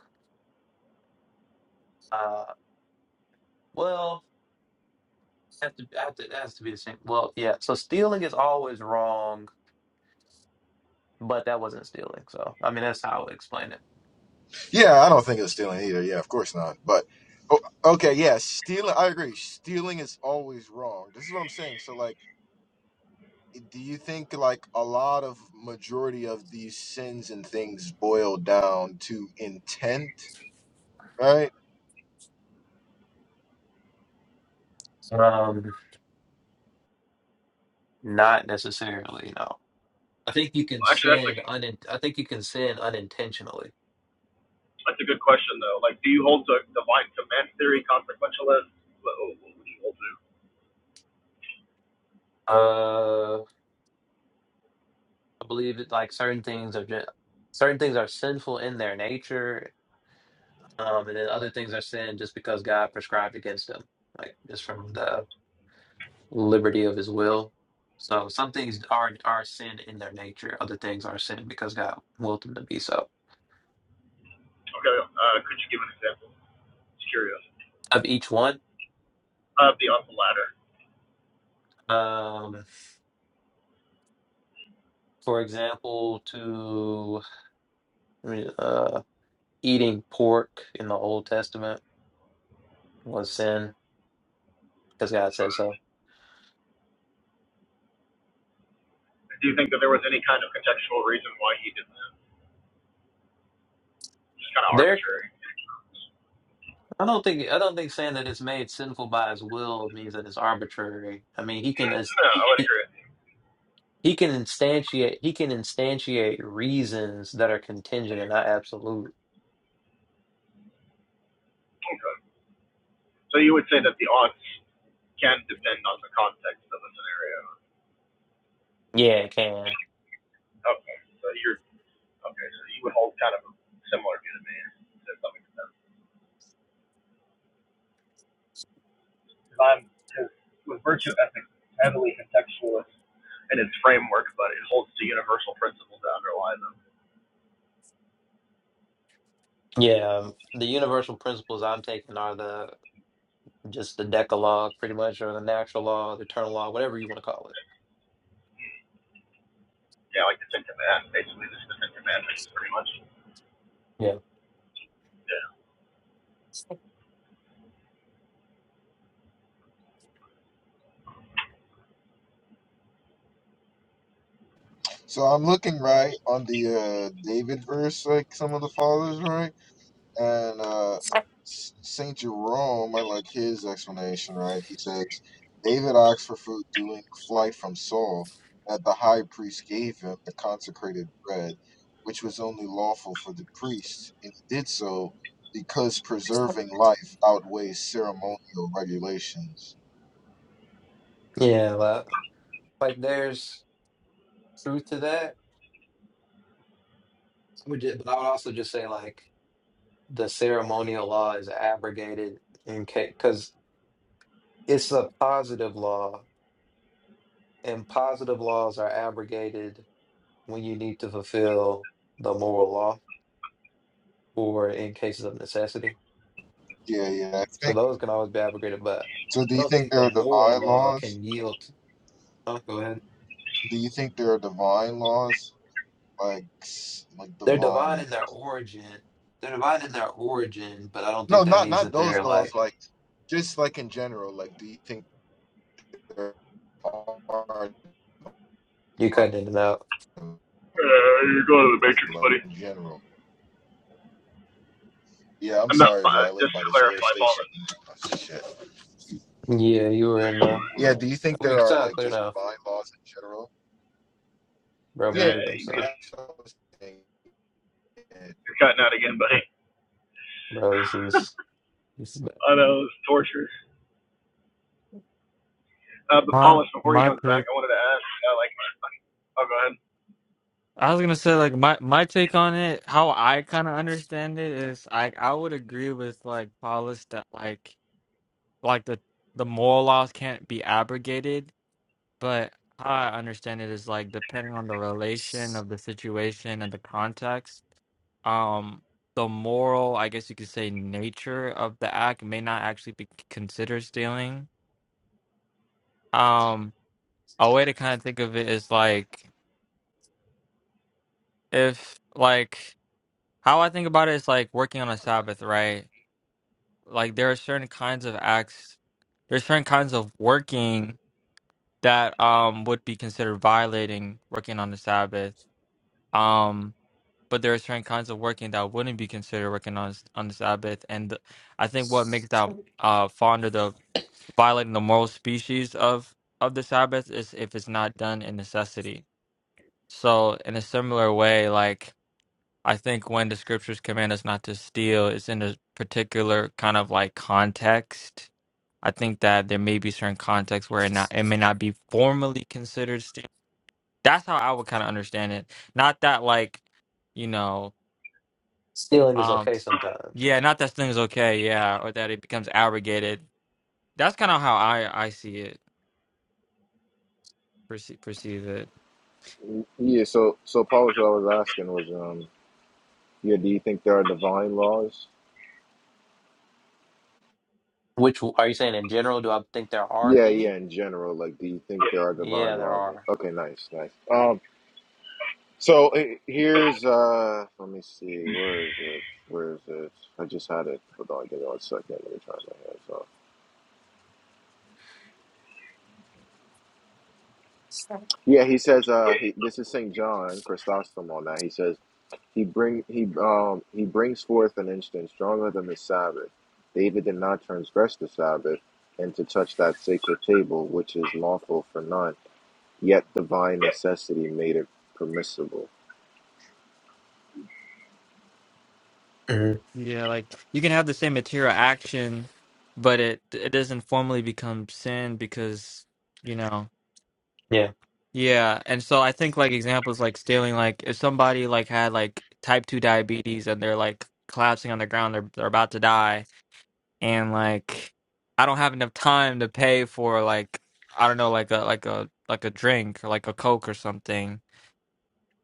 Speaker 3: Uh, well, have to have to it has to be the same. Well, yeah. So stealing is always wrong, but that wasn't stealing. So I mean, that's how I would explain it.
Speaker 9: yeah I don't think it's stealing either yeah of course not but oh, okay yeah stealing I agree stealing is always wrong this is what I'm saying so like i- do you think like a lot of majority of these sins and things boil down to intent right?
Speaker 3: Um, not necessarily. No. I think you can
Speaker 4: Well, actually, that's like
Speaker 3: sin unin I think you can sin unintentionally.
Speaker 4: that's a good question though. Like, do you hold to divine command theory, consequentialist? What, what would you hold to?
Speaker 3: Uh, I believe that like certain things are just, certain things are sinful in their nature, um, and then other things are sin just because God prescribed against them, like just from the liberty of His will. So some things are are sin in their nature, other things are sin because God willed them to be so.
Speaker 4: Okay, uh, could you give an example? Just curious.
Speaker 3: Of each one,
Speaker 4: Uh, the on the ladder.
Speaker 3: um, for example, to I mean, uh, eating pork in the Old Testament was sin because God said so.
Speaker 4: Do you think that there was any kind of contextual reason why he did that? Just kind of
Speaker 3: There,
Speaker 4: arbitrary. No,
Speaker 3: I don't think I don't think saying that it's made sinful by His will means that it's arbitrary. I mean, He can as
Speaker 4: I would
Speaker 3: he
Speaker 4: agree. with you.
Speaker 3: he can instantiate he can instantiate reasons that are contingent and not absolute.
Speaker 4: Okay. So you would say that the odds can depend on the context of the scenario.
Speaker 3: Yeah, it can.
Speaker 4: Okay. So you're okay. So you would hold kind of a similar view to me to some extent. I'm because with virtue ethics it's heavily contextualist. In its framework, but it holds to universal principles that underlie them.
Speaker 3: Yeah, um, the universal principles I'm taking are the just the Decalogue, pretty much, or the natural law, the eternal law, whatever you want to call it.
Speaker 4: Yeah, like the Ten Commandments. Basically, this is the Ten Commandments, pretty much.
Speaker 3: Yeah,
Speaker 4: Yeah.
Speaker 9: So I'm looking right on the uh, David verse, like some of the fathers, right? And uh, S- Saint Jerome, I like his explanation, right? He says David asked for food during flight from Saul, that the high priest gave him the consecrated bread, which was only lawful for the priest, and he did so because preserving life outweighs ceremonial regulations.
Speaker 3: yeah, but like there's truth to that. I would ju- but I would also just say like the ceremonial law is abrogated in case because it's a positive law, and positive laws are abrogated when you need to fulfill the moral law or in cases of necessity.
Speaker 9: Yeah, yeah. I
Speaker 3: So
Speaker 9: think
Speaker 3: those can always be abrogated, but
Speaker 9: so. Do
Speaker 3: I
Speaker 9: you
Speaker 3: don't
Speaker 9: think
Speaker 3: think
Speaker 9: there
Speaker 3: the
Speaker 9: are
Speaker 3: moral
Speaker 9: divine
Speaker 3: law
Speaker 9: laws?
Speaker 3: can yield. oh, go ahead.
Speaker 9: Do you think there are divine laws like like the
Speaker 3: They're divine
Speaker 9: volume.
Speaker 3: in their origin. They're divine in their origin, but I don't think
Speaker 9: No,
Speaker 3: that
Speaker 9: not
Speaker 3: means
Speaker 9: not
Speaker 3: that
Speaker 9: those
Speaker 3: they're
Speaker 9: dolls.
Speaker 3: like
Speaker 9: Like just like in general. Like, do you think there are
Speaker 3: you
Speaker 9: times,
Speaker 3: cutting in and out.
Speaker 4: Uh, you're going to the Matrix,
Speaker 9: like,
Speaker 4: buddy.
Speaker 9: in general? Yeah, I'm
Speaker 4: I'm not,
Speaker 9: sorry, bro.
Speaker 4: uh,
Speaker 9: I live
Speaker 4: just
Speaker 9: by
Speaker 4: to
Speaker 9: this air
Speaker 4: clarify,
Speaker 9: station.
Speaker 4: Paulus.
Speaker 9: Oh, shit.
Speaker 3: Yeah, you were in. Uh,
Speaker 9: Yeah, do you think
Speaker 3: we
Speaker 9: there are
Speaker 3: sound
Speaker 9: like
Speaker 3: clear
Speaker 9: just
Speaker 3: now.
Speaker 9: divine laws in general?
Speaker 3: Bro
Speaker 9: Yeah,
Speaker 3: muted
Speaker 4: Uh,
Speaker 9: yeah,
Speaker 3: himself.
Speaker 4: you're
Speaker 9: that's what I was saying. Yeah.
Speaker 4: cutting out again, buddy.
Speaker 3: Bro, this is This
Speaker 4: I know, it's torture. Uh, but
Speaker 8: my
Speaker 4: Paulus, before he
Speaker 8: my
Speaker 4: comes
Speaker 8: pick
Speaker 4: back, I wanted to ask, uh, like, oh, go ahead.
Speaker 8: I was gonna say like my my take on it, how I kind of understand it is I I would agree with like Paulus that like like the the moral laws can't be abrogated, but how I understand it is like depending on the relation of the situation and the context, um the moral, I guess you could say nature of the act may not actually be considered stealing. Um a way to kind of think of it is like if like How I think about it is like working on a Sabbath, right? Like there are certain kinds of acts, there's certain kinds of working that um would be considered violating working on the Sabbath. Um, but there are certain kinds of working that wouldn't be considered working on s- on the Sabbath, and th- I think what
Speaker 3: is-
Speaker 8: makes that uh fall under the violating the moral species of of the Sabbath is if it's not done in necessity. So in a similar way, like I think when the scriptures command us not to steal, it's in a particular kind of like context. I think that there may be certain contexts where it not it may not be formally considered stealing. That's how I would kind of understand it. Not that like, you know,
Speaker 3: Stealing is
Speaker 8: um,
Speaker 3: okay sometimes.
Speaker 8: yeah, not that things okay, yeah, or that it becomes abrogated. That's kind of how I I see it, perceive, perceive it.
Speaker 9: Yeah, so so Paul what I was asking was, um, yeah, do you think there are divine laws?
Speaker 3: Which w- are you saying in general? Do I think there are
Speaker 9: Yeah, yeah,
Speaker 3: any?
Speaker 9: in general, like, do you think there are
Speaker 3: Yeah,
Speaker 9: divine
Speaker 3: there
Speaker 9: laws?
Speaker 3: are.
Speaker 9: Okay, nice, nice. um. So eh, here's uh let me see, where is it? Where is it? I just had it. Hold on, give it one second. Let me try my hands off. Yeah, he says uh he, this is Saint John, Chrysostom on that. He says he bring he um he brings forth an instance stronger than the Sabbath. David did not transgress the Sabbath and to touch that sacred table which is lawful for none, yet divine
Speaker 4: Yeah.
Speaker 9: necessity made it permissible.
Speaker 3: Mhm.
Speaker 8: Yeah, like you can have the same material action, but it it doesn't formally become sin because you know.
Speaker 3: Yeah.
Speaker 8: Yeah, and so I think like examples like stealing like if somebody like had like type 2 diabetes and they're like collapsing on the ground they're they're about to die and like I don't have enough time to pay for like I don't know like a like a like a drink or like a Coke or something.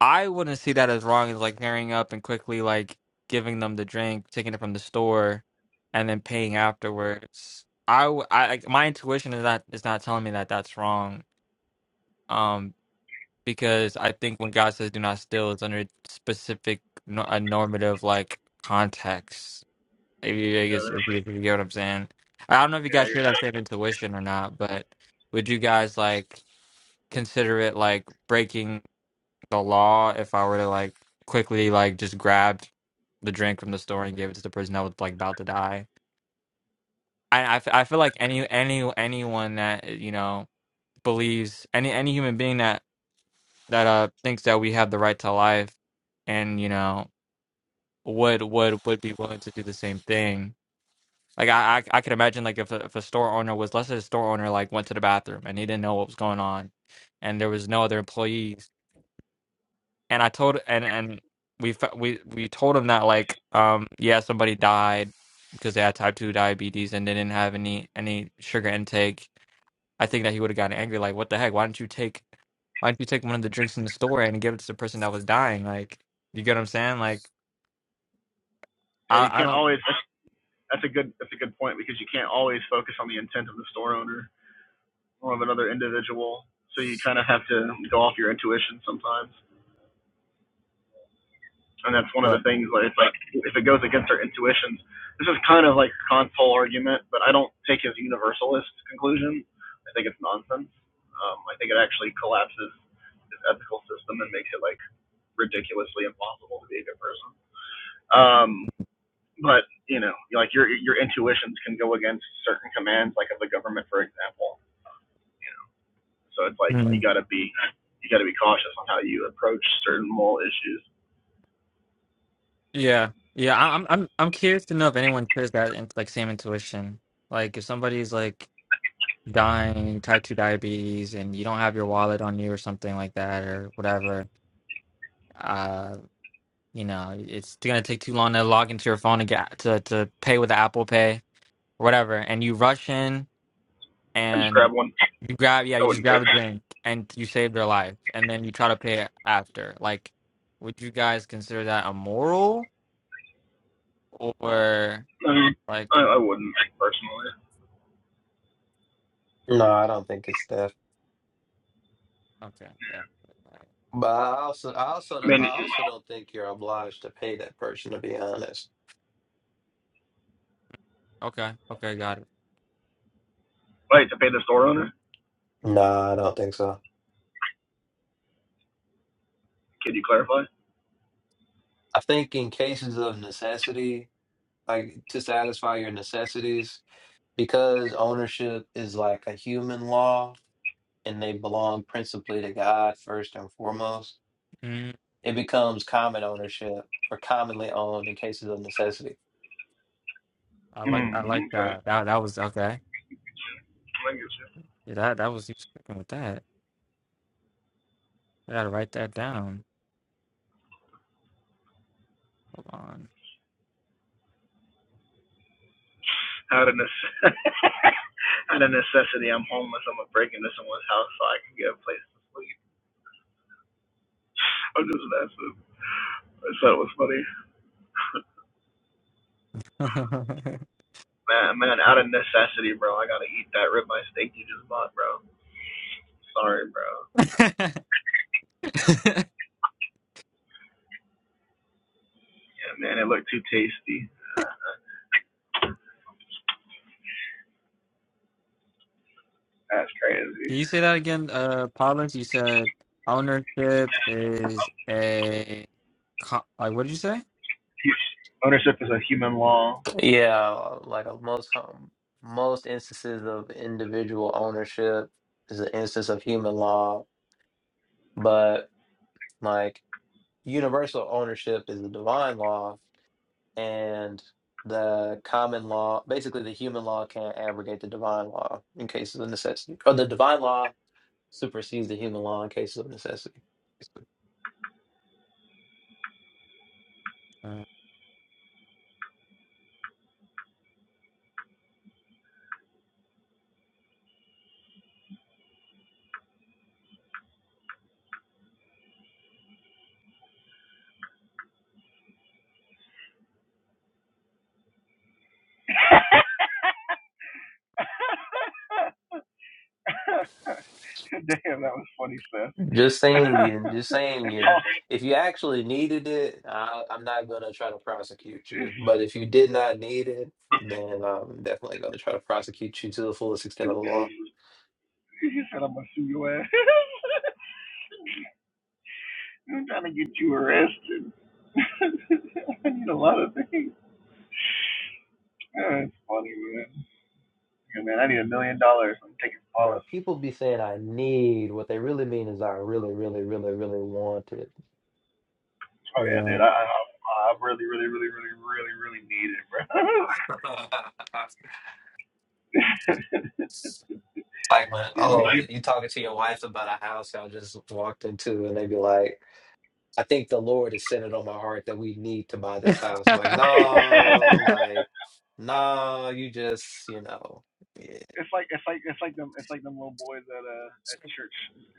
Speaker 8: I wouldn't see that as wrong as like hurrying up and quickly like giving them the drink, taking it from the store and then paying afterwards. I w- I- like, my intuition is not is not telling me that that's wrong. Um because I think when God says "do not steal," it's under specific no- a normative like context. If you, I
Speaker 4: Yeah,
Speaker 8: guess if you, if you get what I'm saying, I don't know if you
Speaker 4: yeah,
Speaker 8: guys share
Speaker 4: you're
Speaker 8: that
Speaker 4: safe.
Speaker 8: same intuition or not, but would you guys like consider it like breaking the law if I were to like quickly like just grab the drink from the store and give it to the person that was like about to die? I I, f- I feel like any any anyone that you know believes any any human being that that uh thinks that we have the right to life and you know would would would be willing to do the same thing like i i, I could imagine like if a, if a store owner was let's say a store owner like went to the bathroom and he didn't know what was going on and there was no other employees and I told and and we fa- we we told him that like um yeah somebody died because they had type two diabetes and they didn't have any any sugar intake. I think that he would have gotten angry like what the heck why didn't you take why didn't you take one of the drinks in the store and give it to the person that was dying like you get what I'm saying like
Speaker 4: yeah, you
Speaker 8: I I
Speaker 4: can't
Speaker 8: don't
Speaker 4: always, that's, that's a good, that's a good point because you can't always focus on the intent of the store owner or of another individual. So you kind of have to go off your intuition sometimes. and that's one of
Speaker 8: but
Speaker 4: the things that it's like if it goes against our intuitions. This is kind of like Kant's whole argument, but I don't take his universalist conclusion. I think it's nonsense. Um, I think it actually collapses his ethical system and makes it like ridiculously impossible to be a good person. Um, but you know, like your your intuitions can go against certain commands, like of the government, for example. So it's like you
Speaker 8: Mhm.
Speaker 4: gotta be you gotta be cautious on how you approach certain moral issues.
Speaker 8: yeah yeah I- I'm I'm I'm curious to know if anyone shares that in, like same intuition like if somebody's like dying, type 2 diabetes, and you don't have your wallet on you or something like that or whatever, uh, you know, it's going to take too long to log into your phone and get to, to pay with Apple Pay or whatever. And you rush in
Speaker 4: I just
Speaker 8: and
Speaker 4: grab one.
Speaker 8: you grab, yeah,
Speaker 4: I
Speaker 8: you just
Speaker 4: wouldn't care.
Speaker 8: grab a drink and you save their life. And then you try to pay it after. Like, would you guys consider that immoral or
Speaker 4: I mean,
Speaker 8: like,
Speaker 4: I, I wouldn't personally.
Speaker 3: No, I don't think it's theft.
Speaker 8: okay, yeah.
Speaker 3: But I also, I also,
Speaker 4: I
Speaker 3: don't- I
Speaker 4: mean, it's just,
Speaker 3: also don't think you're obliged to pay that person. To be honest,
Speaker 8: Okay, okay, got it.
Speaker 4: wait, to pay the store owner?
Speaker 3: No, I don't think so.
Speaker 4: Could you clarify?
Speaker 3: I think in cases of necessity, like to satisfy your necessities, because ownership is like a human law, and they belong principally to God first and foremost.
Speaker 8: Mm,
Speaker 3: It becomes common ownership or commonly owned in cases of necessity.
Speaker 8: I like I like
Speaker 4: Mm, okay.
Speaker 8: that. That that was okay.
Speaker 4: I get you.
Speaker 8: Yeah, that that was you was cooking with that. I gotta write that down. Hold on.
Speaker 4: Out of, nece- [laughs] out of necessity, I'm homeless. I'm gonna break into someone's house so I can get a place to sleep. I'm just messing. I said it was funny.
Speaker 8: [laughs]
Speaker 4: Man, man, out of necessity, bro. I gotta eat that ribeye steak you just bought, bro. Sorry, bro. Yeah, man, it looked too tasty. That's
Speaker 8: Can
Speaker 4: crazy.
Speaker 8: you say that again, uh, Paulus? You said ownership is a co- like what did you say?
Speaker 4: Ownership is a human law.
Speaker 3: Yeah, like uh, most home, most instances of individual ownership is an instance of human law, but like universal ownership is the divine law, and the common law, basically the human law can't abrogate the divine law in cases of necessity, or the divine law supersedes the human law in cases of necessity.
Speaker 8: Uh,
Speaker 4: [laughs] [laughs] Damn, that was funny, sis.
Speaker 3: Just saying you,
Speaker 4: [laughs]
Speaker 3: just saying you. If you actually needed it, I, I'm not gonna try to prosecute you. But if you did not need it, then I'm definitely gonna try to prosecute you to the fullest extent of the law.
Speaker 4: he said, I'm going to sue your ass. [laughs] I'm trying to get you arrested. [laughs] I need a lot of things. Yeah, it's funny, man. Yeah, man, I need a million dollars. I'm taking
Speaker 3: Bro,
Speaker 4: Paulus.
Speaker 3: people be saying I need. What they really mean is I really, really, really, really want it.
Speaker 4: Oh, yeah,
Speaker 8: yeah.
Speaker 4: dude. I, I, I really, really, really, really, really, really need it, bro. [laughs]
Speaker 3: [laughs] Like when,
Speaker 4: yeah, man.
Speaker 3: oh, you talking to your wife about a house y'all just walked into, and they be like. I think the Lord has set it on my heart that we need to buy this house. Like,
Speaker 4: [laughs]
Speaker 3: no, like, no, you just, you know, yeah,
Speaker 4: it's like it's like it's like them it's like them little boys at uh at church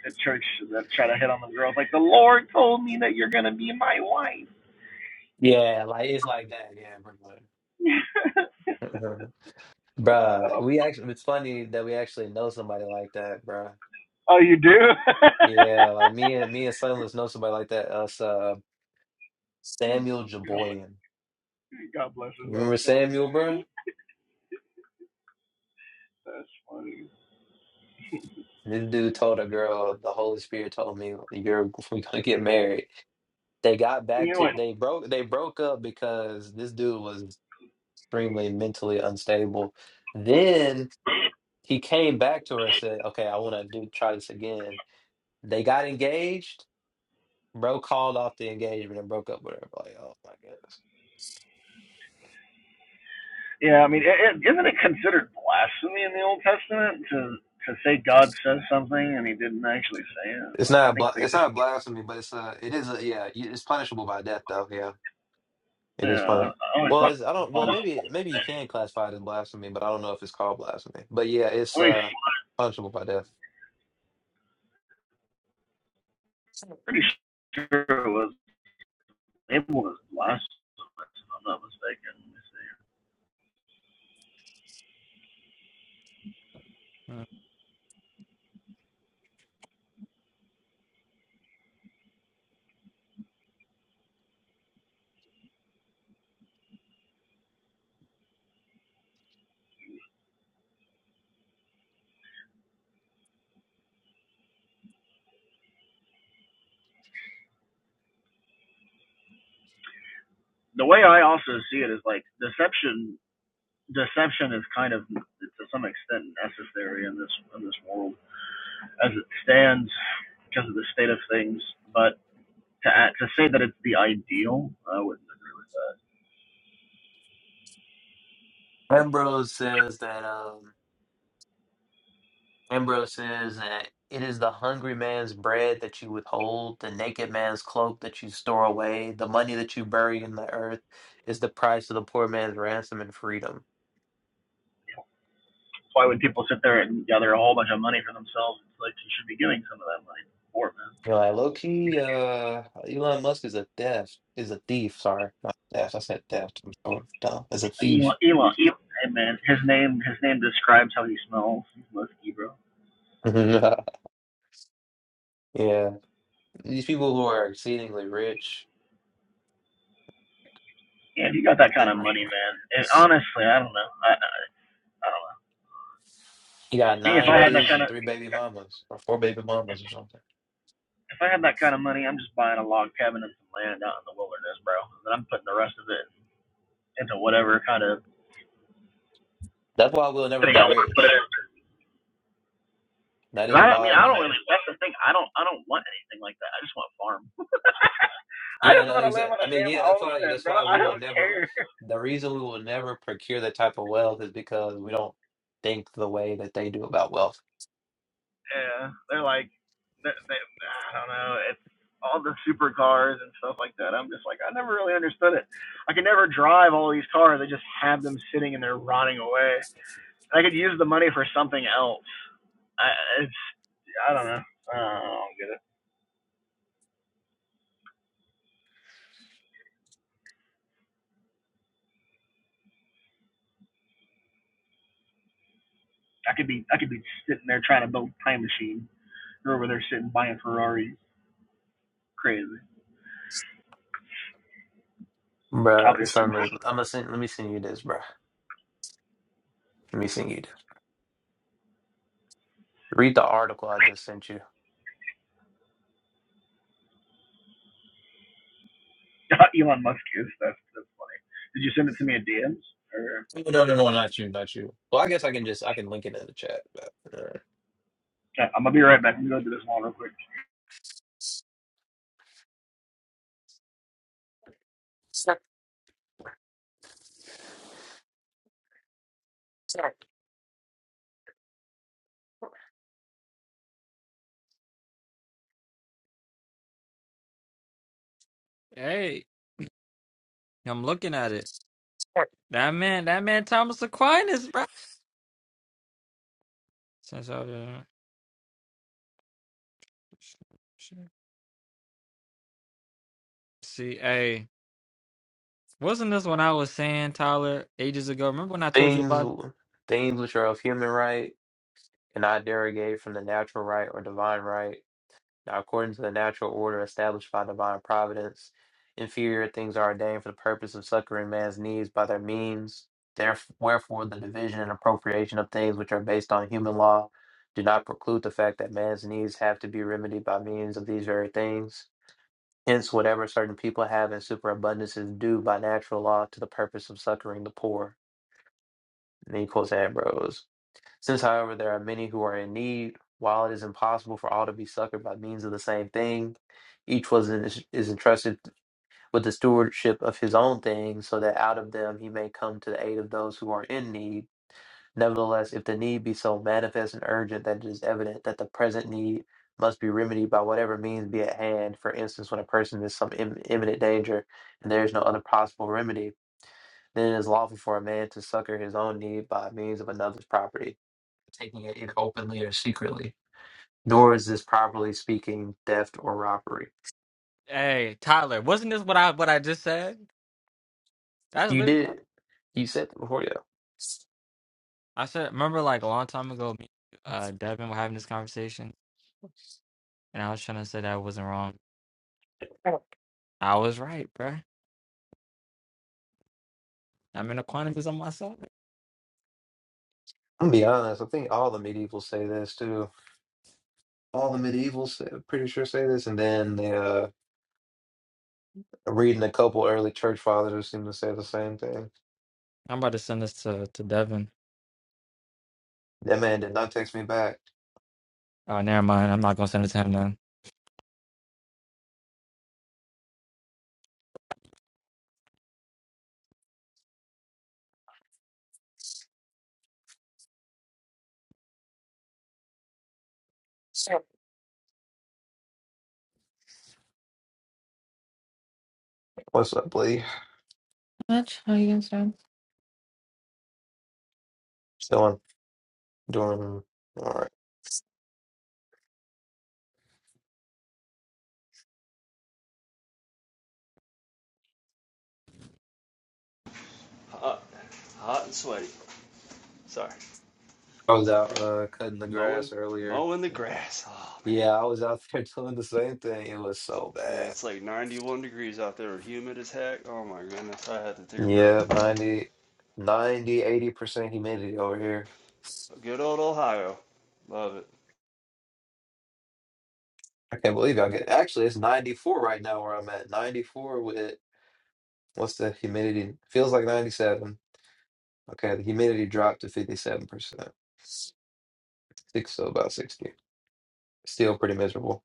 Speaker 4: at church that try to hit on them girls like the Lord told me that you're gonna be my wife.
Speaker 3: yeah like it's like that, yeah, pretty
Speaker 4: [laughs]
Speaker 3: [laughs] bruh.
Speaker 4: oh,
Speaker 3: We actually, it's funny that we actually know somebody like that, bruh.
Speaker 4: oh, you do? [laughs]
Speaker 3: Yeah, like me and me and Sunless know somebody like that. Us, uh, Samuel Jaboyan.
Speaker 4: God bless his
Speaker 3: You
Speaker 4: little
Speaker 3: remember
Speaker 4: soul, man.
Speaker 3: Samuel, bruh?
Speaker 4: That's funny.
Speaker 3: This dude told a girl, the Holy Spirit told me, "You're we gonna get married." They got back
Speaker 4: You know
Speaker 3: to
Speaker 4: what?
Speaker 3: they broke they broke up because this dude was extremely mentally unstable. Then he came back to her and said, "Okay, I want to do try this again." They got engaged. Bro called off the engagement and broke up with her. Like, oh my goodness,
Speaker 4: Yeah, I mean, is isn't it considered blasphemy in the Old Testament to to say God says something and He didn't actually say it?
Speaker 3: it's
Speaker 4: Like, I
Speaker 3: not
Speaker 4: think
Speaker 3: bla-
Speaker 4: they
Speaker 3: it's
Speaker 4: just,
Speaker 3: not blasphemy, but it's uh it is a, yeah you- it's punishable by death though. Yeah, it
Speaker 4: yeah,
Speaker 3: is
Speaker 4: I,
Speaker 3: punishable.
Speaker 4: I always
Speaker 3: Well,
Speaker 4: thought. it
Speaker 3: it's, I
Speaker 4: was
Speaker 3: don't. Well,
Speaker 4: funny.
Speaker 3: maybe maybe you can classify it as blasphemy, but I don't know if it's called blasphemy. But yeah, it's
Speaker 4: I mean,
Speaker 3: uh punishable by death.
Speaker 4: pretty sure it was it was blasphemy. if I'm not mistaken. The way I also see it is like deception deception is kind of to some extent necessary in this in this world as it stands because of the state of things. But to act, to say that it's the ideal, I wouldn't agree with that.
Speaker 3: Ambrose says that. um Ambrose says that it is the hungry man's bread that you withhold, the naked man's cloak that you store away, the money that you bury in the earth is the price of the poor man's ransom and freedom.
Speaker 4: That's why when people sit there and gather a whole bunch of money for themselves, it's like you should be giving some of that money to the poor man.
Speaker 3: You're like low key, uh, Elon Musk is a theft, is a thief. Sorry, not theft. I said theft. I'm so dumb. Is a thief.
Speaker 4: Elon, Elon, Elon hey man, his name his name describes how he smells. He's musky, bro.
Speaker 3: [laughs] yeah, these people who are exceedingly rich
Speaker 4: Yeah, if you got that kind
Speaker 3: ain't
Speaker 4: of
Speaker 3: right.
Speaker 4: money, man. And honestly, I don't know. I I I don't know.
Speaker 3: You got
Speaker 4: Me, if
Speaker 3: nine
Speaker 4: I had that
Speaker 3: kids
Speaker 4: kind
Speaker 3: and
Speaker 4: of
Speaker 3: three baby mamas, or four baby mamas, or something.
Speaker 4: If I have that kind of money, I'm just buying a log cabin and some land out in the wilderness, bro. And I'm putting the rest of it into whatever kind of
Speaker 3: That's why we'll never
Speaker 4: thing
Speaker 3: be
Speaker 4: I want to put
Speaker 3: rich.
Speaker 4: it
Speaker 3: That is
Speaker 4: I,
Speaker 3: why
Speaker 4: mean, I
Speaker 3: we'll.
Speaker 4: don't really. That's the thing. I don't. I don't want anything like that. I just want a farm. [laughs] I
Speaker 3: Yeah,
Speaker 4: just
Speaker 3: no,
Speaker 4: want to live
Speaker 3: exactly.
Speaker 4: on
Speaker 3: I
Speaker 4: a
Speaker 3: mean,
Speaker 4: damn
Speaker 3: yeah, that's why
Speaker 4: homestead,
Speaker 3: that's
Speaker 4: bro.
Speaker 3: why
Speaker 4: I
Speaker 3: we will
Speaker 4: don't
Speaker 3: never
Speaker 4: care.
Speaker 3: the reason we will never procure that type of wealth is because we don't think the way that they do about wealth.
Speaker 4: Yeah, they're like, they, they, I don't know. It's all the supercars and stuff like that. I'm just like, I never really understood it. I can never drive all these cars. I just have them sitting and they're rotting away. I could use the money for something else. I, it's I don't know. I don't, get it. I could be I could be sitting there trying to build a time machine. You're over there sitting buying Ferraris. Crazy.
Speaker 3: Bruh,
Speaker 4: Obviously, I'm
Speaker 3: son, let- I'm gonna send, let me send you this, bruh. Let me send you this. Read the article I just sent you.
Speaker 4: [laughs] Elon Musk is. That's that's funny. Did you send it to me at DMs? Or
Speaker 3: Oh, No, no, no, not you, not you. Well, I guess I can just I can link it in the chat. But, uh,
Speaker 4: Okay, I'm gonna be right back. I'm gonna do this one real quick.
Speaker 3: Sure, sure,
Speaker 8: [laughs] hey, I'm looking at it.
Speaker 3: sure.
Speaker 8: That man, that man, Thomas Aquinas, bro. Since I was- See, hey, wasn't this when I was saying Tyler ages ago? Remember when I told you
Speaker 3: things
Speaker 8: about
Speaker 3: things which are of human right and I derogate from the natural right or divine right. Now, according to the natural order established by divine providence, inferior things are ordained for the purpose of succoring man's needs by their means. Therefore, wherefore, the division and appropriation of things which are based on human law do not preclude the fact that man's needs have to be remedied by means of these very things. Hence, whatever certain people have in superabundance is due by natural law to the purpose of succoring the poor. And he quotes Ambrose. Since, however, there are many who are in need, while it is impossible for all to be succored by means of the same thing, each was is is entrusted with the stewardship of his own things, so that out of them he may come to the aid of those who are in need. Nevertheless, if the need be so manifest and urgent that it is evident that the present need must be remedied by whatever means be at hand, for instance, when a person is in some im- imminent danger and there is no other possible remedy, then it is lawful for a man to succor his own need by means of another's property taking it either openly or secretly. Nor is this properly speaking theft or robbery.
Speaker 8: Hey, Tyler, wasn't this what I what I just said? That's
Speaker 3: You
Speaker 8: literally what
Speaker 3: did, you said that before, yeah.
Speaker 8: I said. Remember, like a long time ago, me, uh, Devin were having this conversation, and I was trying to say that I wasn't wrong. I was right, bruh. I'm in Aquinas on my side.
Speaker 3: I'm gonna be honest. I think all the medievals say this too. All the medievals, say- pretty sure, say this. And then they, uh, reading a couple early church fathers who seem to say the same thing.
Speaker 8: I'm about to send this to to Devin.
Speaker 3: That man did not text me back.
Speaker 8: Oh, never mind. I'm not gonna send it to him then.
Speaker 3: Sure. What's up, Lee?
Speaker 10: much. How you guys doing?
Speaker 3: Still on doing all right.
Speaker 1: Hot, hot and sweaty. Sorry,
Speaker 3: I was out uh, cutting the
Speaker 1: mowing
Speaker 3: grass earlier.
Speaker 1: mowing the grass. Oh man,
Speaker 3: Yeah, I was out there [laughs] doing the same thing. It was so bad.
Speaker 1: yeah, it's like 91 degrees out there, humid as heck. Oh my goodness, I had to take a break.
Speaker 3: Yeah, ninety, ninety, eighty percent humidity over here.
Speaker 1: Good old Ohio, love it.
Speaker 3: I can't believe y'all get actually it's 94 right now where I'm at. 94 with what's the humidity? Feels like 97. Okay, the humidity dropped to 57%. Six, so about 60. Still pretty miserable.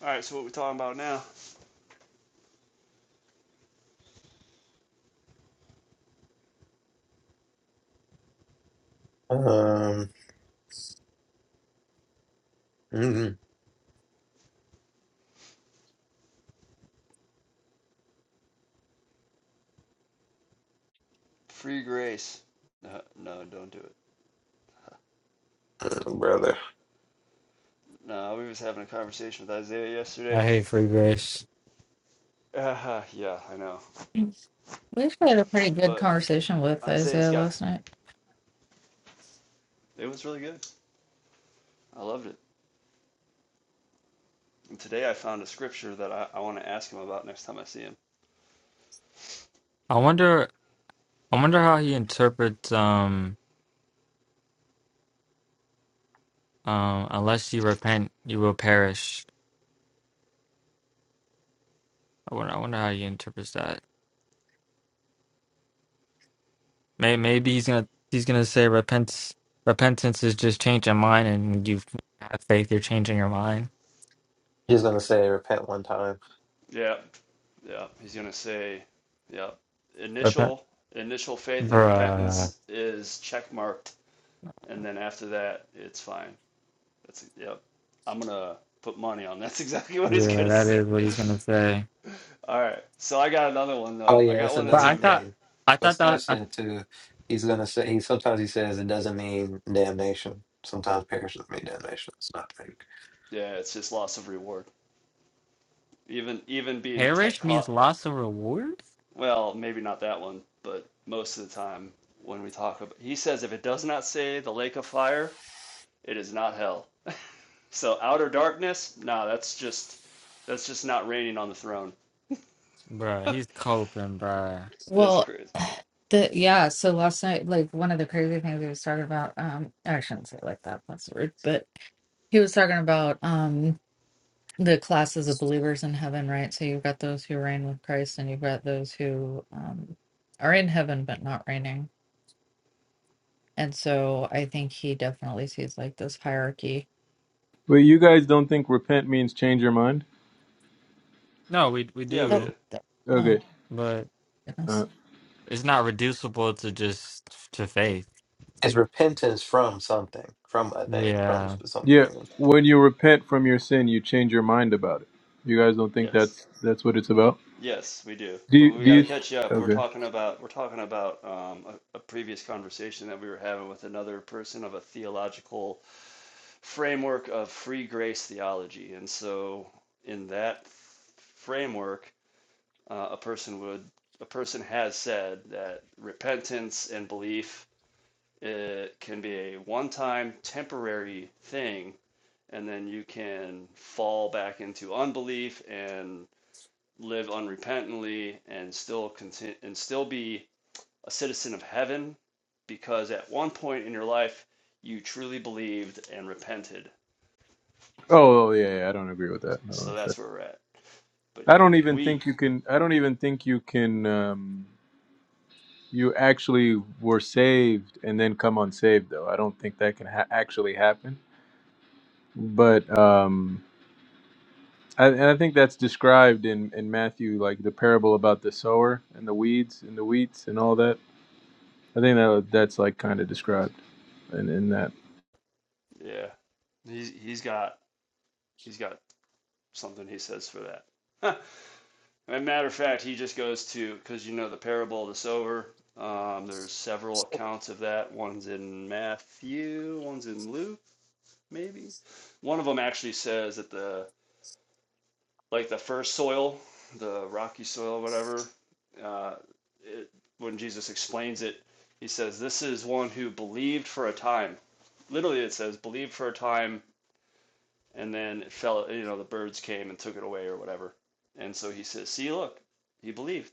Speaker 1: All right, so what we talking about now?
Speaker 3: Um, mhm.
Speaker 1: Free grace. No, no, don't do it.
Speaker 3: Uh, brother.
Speaker 1: No, we was having a conversation with Isaiah yesterday
Speaker 8: I hate free grace.
Speaker 1: Uh, yeah, I know.
Speaker 10: we actually had a pretty good
Speaker 1: But
Speaker 10: conversation with
Speaker 1: Isaiah's
Speaker 10: Isaiah
Speaker 1: got
Speaker 10: last night.
Speaker 1: it It was really good. I loved it. And today I found a scripture that I, I want to ask him about next time I see him.
Speaker 8: I wonder. I wonder how he interprets um um unless you repent, you will perish. I wonder. I wonder how he interprets that. May maybe he's gonna he's gonna say repentance repentance is just changing mind, and when you have faith, you're changing your mind.
Speaker 3: Just gonna say repent one time.
Speaker 1: Yeah, yeah. He's gonna say, yeah.
Speaker 8: Repent,
Speaker 1: Initial initial faith and
Speaker 8: bruh.
Speaker 1: repentance is check marked, and then after that it's fine. That's yep. I'm gonna put money on [laughs] that's exactly what he's
Speaker 8: Yeah,
Speaker 1: gonna
Speaker 8: that
Speaker 1: say.
Speaker 8: is what
Speaker 1: [laughs]
Speaker 8: he's gonna say.
Speaker 1: All right. So I got another one
Speaker 3: Oh
Speaker 1: though. I
Speaker 3: yeah,
Speaker 1: got
Speaker 3: that's
Speaker 1: one
Speaker 8: But
Speaker 1: that's
Speaker 3: another
Speaker 8: I
Speaker 1: even
Speaker 8: thought
Speaker 1: better.
Speaker 3: thing.
Speaker 8: I
Speaker 3: What
Speaker 8: thought
Speaker 3: Steph
Speaker 8: that uh,
Speaker 3: said too, he's gonna say he sometimes he says it doesn't mean damnation. Sometimes perisheth mean damnation. It's not the
Speaker 1: Yeah, it's just loss of reward. Even even being te-
Speaker 8: perish means
Speaker 1: caught
Speaker 8: loss of rewards.
Speaker 1: Well, maybe not that one, but most of the time when we talk about, he says if it does not say the lake of fire, it is not hell. So outer darkness, nah, that's just that's just not reigning on the throne.
Speaker 8: Bruh, he's coping, bruh.
Speaker 1: That's
Speaker 10: Well,
Speaker 1: crazy.
Speaker 10: [sighs] the yeah, so last night, like one of the crazy things he was talking about, um, I shouldn't say it like that, that's rude, but he was talking about um the classes of believers in heaven, right? So you've got those who reign with Christ and you've got those who um are in heaven but not reigning. And so I think he definitely sees like this hierarchy.
Speaker 11: But you guys don't think repent means change your mind?
Speaker 8: No, we we
Speaker 1: Yeah, we
Speaker 10: That,
Speaker 8: do,
Speaker 1: do.
Speaker 10: that- oh
Speaker 11: Okay.
Speaker 8: but
Speaker 10: goodness.
Speaker 11: Uh,
Speaker 8: it's not reducible to just to faith.
Speaker 3: It's repentance from something, from a thing, from
Speaker 8: Yeah.
Speaker 3: s-
Speaker 11: yeah,
Speaker 3: something?
Speaker 11: when you repent from your sin, you change your mind about it. You guys don't think
Speaker 1: Yes,
Speaker 11: that's that's what it's about?
Speaker 1: yes, we do.
Speaker 11: Do
Speaker 1: But
Speaker 11: you,
Speaker 1: we
Speaker 11: do
Speaker 1: got to
Speaker 11: you?
Speaker 1: catch up. We're
Speaker 11: Okay.
Speaker 1: talking about we're talking about um, a, a previous conversation that we were having with another person of a theological framework of free grace theology, and so in that framework Uh, a person would, a person has said that repentance and belief it can be a one-time temporary thing, and then you can fall back into unbelief and live unrepentantly and still continue and still be a citizen of heaven because at one point in your life you truly believed and repented.
Speaker 11: Oh, oh yeah, yeah, I don't agree with that. I don't, know
Speaker 1: So
Speaker 11: if that-
Speaker 1: that's where we're at. But
Speaker 11: I
Speaker 1: yeah,
Speaker 11: don't even
Speaker 1: we
Speaker 11: think you can. I don't even think you can. Um, you actually were saved and then come unsaved, though. I don't think that can ha- actually happen. But um, I, and I think that's described in, in Matthew, like the parable about the sower and the weeds and the wheats and all that. I think that that's like kind of described in, in that.
Speaker 1: yeah. He's he's got he's got something he says for that. Huh. As a matter of fact, he just goes to, because you know the parable of the sower. Um, there's several accounts of that. One's in Matthew, one's in Luke, maybe. One of them actually says that the like the first soil, the rocky soil, whatever. Uh, it, when Jesus explains it, he says, "This is one who believed for a time." Literally, it says, "Believed for a time, and then it fell. You know, the birds came and took it away, or whatever." And so he says, "See, look, he believed."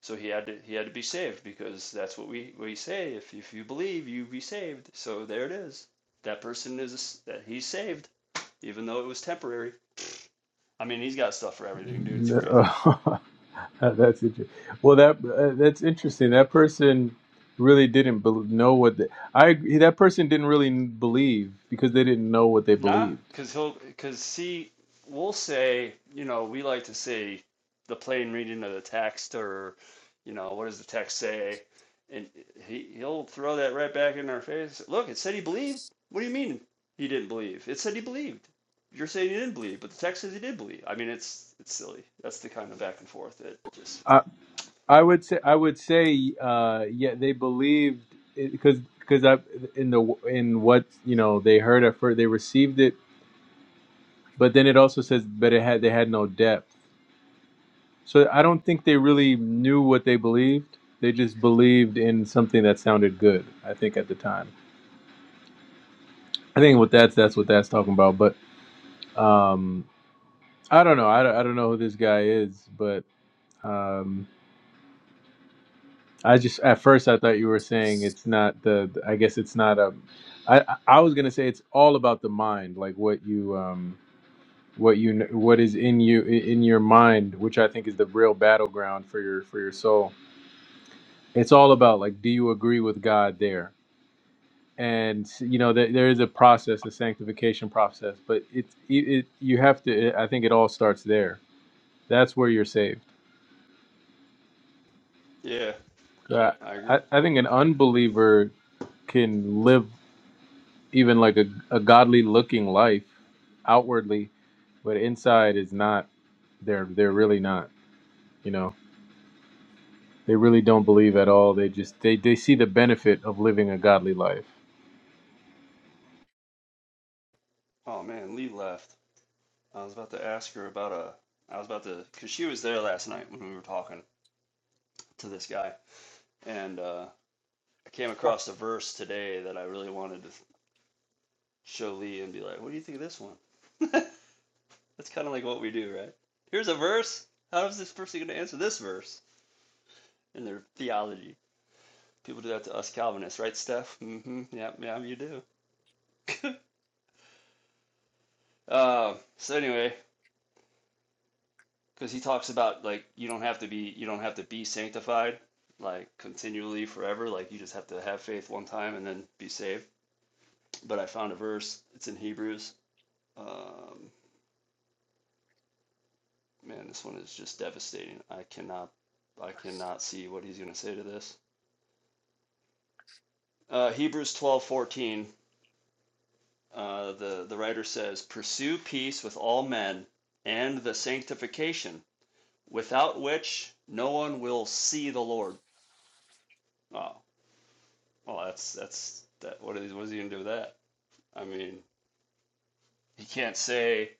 Speaker 1: So he had to he had to be saved because that's what we we say. If if you believe, you be saved. So there it is. That person is that he's saved, even though it was temporary. I mean, he's got stuff for everything, dude. It's crazy.
Speaker 11: No. [laughs] that's interesting. Well, that uh, that's interesting. That person really didn't bel know what they, I agree- that person didn't really n- believe because they didn't know what they
Speaker 1: Nah,
Speaker 11: believed.
Speaker 1: because he'll because see, we'll say, you know, we like to say the plain reading of the text, or you know, what does the text say? And he he'll throw that right back in our face. Look, it said he believed. What do you mean he didn't believe? It said he believed. You're saying he didn't believe, but the text says he did believe. I mean, it's it's silly. That's the kind of back and forth that just
Speaker 11: I I would say I would say uh, yeah they believed because because I in the in what you know they heard at first they received it but then it also says but it had they had no depth so i don't think they really knew what they believed they just believed in something that sounded good i think at the time i think what that's that's what that's talking about but um i don't know i, don't- I don't know who this guy is but um i just at first i thought you were saying it's not the i guess it's not a i i I was gonna say it's all about the mind like what you um what you kn- what is in you i- in your mind which i think is the real battleground for your for your soul it's all about like do you agree with god there and you know there, there is a process a sanctification process but it's it, it you have to i think it all starts there that's where you're saved
Speaker 1: yeah,
Speaker 11: i,
Speaker 1: I agree.
Speaker 11: I I think an unbeliever can live even like a, a godly looking life outwardly but inside is not they're they're really not you know they really don't believe at all they just they, they see the benefit of living a godly life
Speaker 1: Oh man, Lee left. I was about to ask her about a. I was about to because she was there last night when we were talking to this guy And uh, I came across a verse today that I really wanted to show Lee and be like, what do you think of this one? [laughs] That's kind of like what we do, right? Here's a verse. How is this person going to answer this verse in their theology? People do that to us Calvinists, right, Steph? Mm-hmm. Yeah, yeah, you do. [laughs] uh, so anyway, because he talks about like you don't have to be you don't have to be sanctified like continually forever. Like you just have to have faith one time and then be saved. But I found a verse. It's in Hebrews. Um, man, this one is just devastating. I cannot, I cannot see what he's going to say to this. Uh, Hebrews twelve fourteen. Uh, the the writer says, "Pursue peace with all men and the sanctification, without which no one will see the Lord." Oh, well, that's that's that. What is what is he going to do with that? I mean, he can't say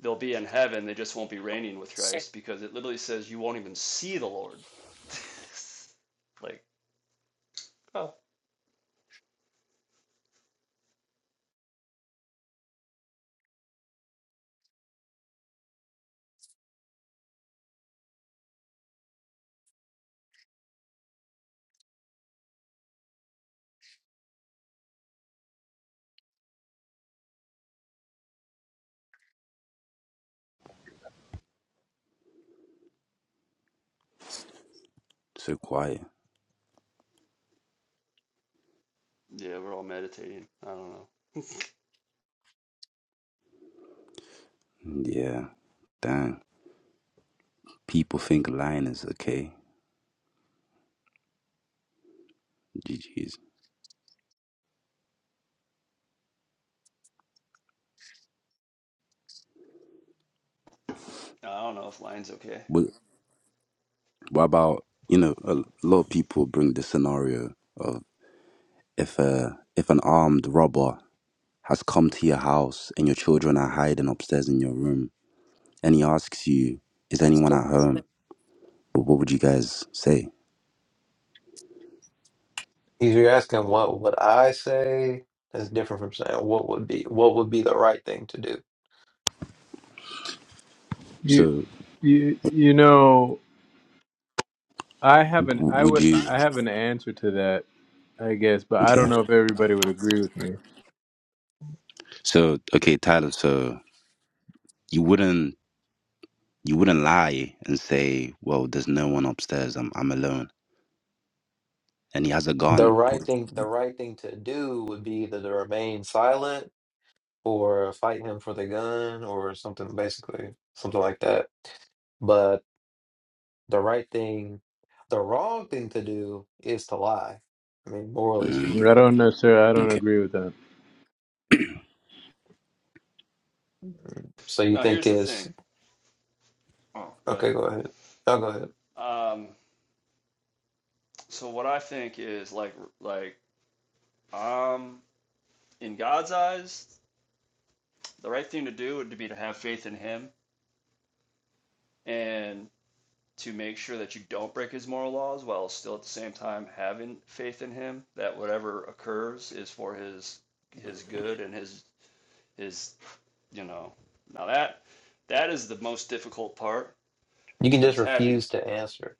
Speaker 1: they'll be in heaven. They just won't be reigning with Christ because it literally says you won't even see the Lord. [laughs] like, oh,
Speaker 12: So quiet.
Speaker 1: Yeah, we're all meditating. I don't know.
Speaker 12: Yeah. Dang. People think lying is okay. GG's.
Speaker 1: I don't know if line's okay.
Speaker 12: What, what about, you know, a lot of people bring the scenario of if a, if an armed robber has come to your house and your children are hiding upstairs in your room and he asks you, is anyone at home? Wh- What would you guys say?
Speaker 3: If you're asking what would I say, that's different from saying what would be what would be the right thing to do.
Speaker 11: you
Speaker 12: So
Speaker 11: you you know I have an
Speaker 12: w-
Speaker 11: I
Speaker 12: would
Speaker 11: would
Speaker 12: you,
Speaker 11: I have an answer to that, I guess, but I don't
Speaker 12: okay.
Speaker 11: know if everybody would agree with me.
Speaker 12: So, okay, Tyler, so you wouldn't, you wouldn't lie and say, well, there's no one upstairs. I'm, I'm alone. and he has a
Speaker 3: The
Speaker 12: gun.
Speaker 3: right thing, the right thing to do would be either to remain silent or fight him for the gun or something, basically something like that. But the right thing, the wrong thing to do is to lie. I mean, morally
Speaker 12: Mm,
Speaker 11: I
Speaker 3: speaking.
Speaker 11: don't necessarily I don't
Speaker 12: okay.
Speaker 11: agree with that.
Speaker 3: So you
Speaker 1: No,
Speaker 3: think
Speaker 1: here's the
Speaker 3: is
Speaker 1: thing. Oh, go ahead.
Speaker 3: okay? Go ahead. I'll go ahead.
Speaker 1: Um, so what I think is like like um in God's eyes, the right thing to do would be to have faith in him and to make sure that you don't break his moral laws while still at the same time having faith in him that whatever occurs is for his his good and his his you know. Now that that is the most difficult part
Speaker 3: You can just
Speaker 1: because having
Speaker 3: refuse to answer,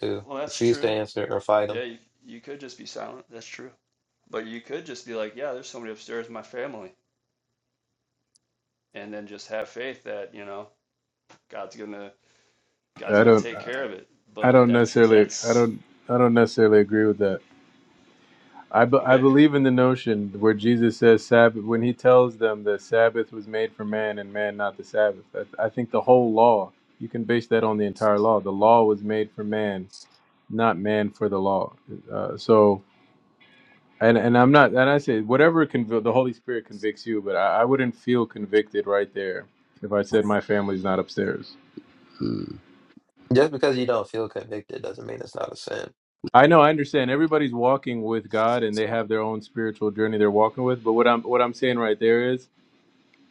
Speaker 3: too.
Speaker 1: well that's
Speaker 3: Refuse
Speaker 1: true
Speaker 3: to answer or fight them.
Speaker 1: Yeah, you, you could just be silent. That's true. But you could just be like, yeah, there's somebody upstairs in my family, and then just have faith that you know God's gonna God's
Speaker 11: I
Speaker 1: gonna
Speaker 11: don't
Speaker 1: take care of it.
Speaker 11: I
Speaker 1: But
Speaker 11: don't
Speaker 1: that's
Speaker 11: necessarily I
Speaker 1: that's
Speaker 11: don't I don't necessarily agree with that. I, be, I
Speaker 1: okay.
Speaker 11: believe in the notion where Jesus says Sabbath when he tells them that Sabbath was made for man and man not the Sabbath. I, I think the whole law you can base that on the entire law. The law was made for man, not man for the law. Uh, so and and I'm not, and I say whatever conv- the Holy Spirit convicts you, but I, I wouldn't feel convicted right there if I said my family's not upstairs.
Speaker 12: Mm.
Speaker 3: Just because you don't feel convicted doesn't mean it's not a sin.
Speaker 11: I know, I understand. Everybody's walking with God, and they have their own spiritual journey they're walking with. But what I'm what I'm saying right there is,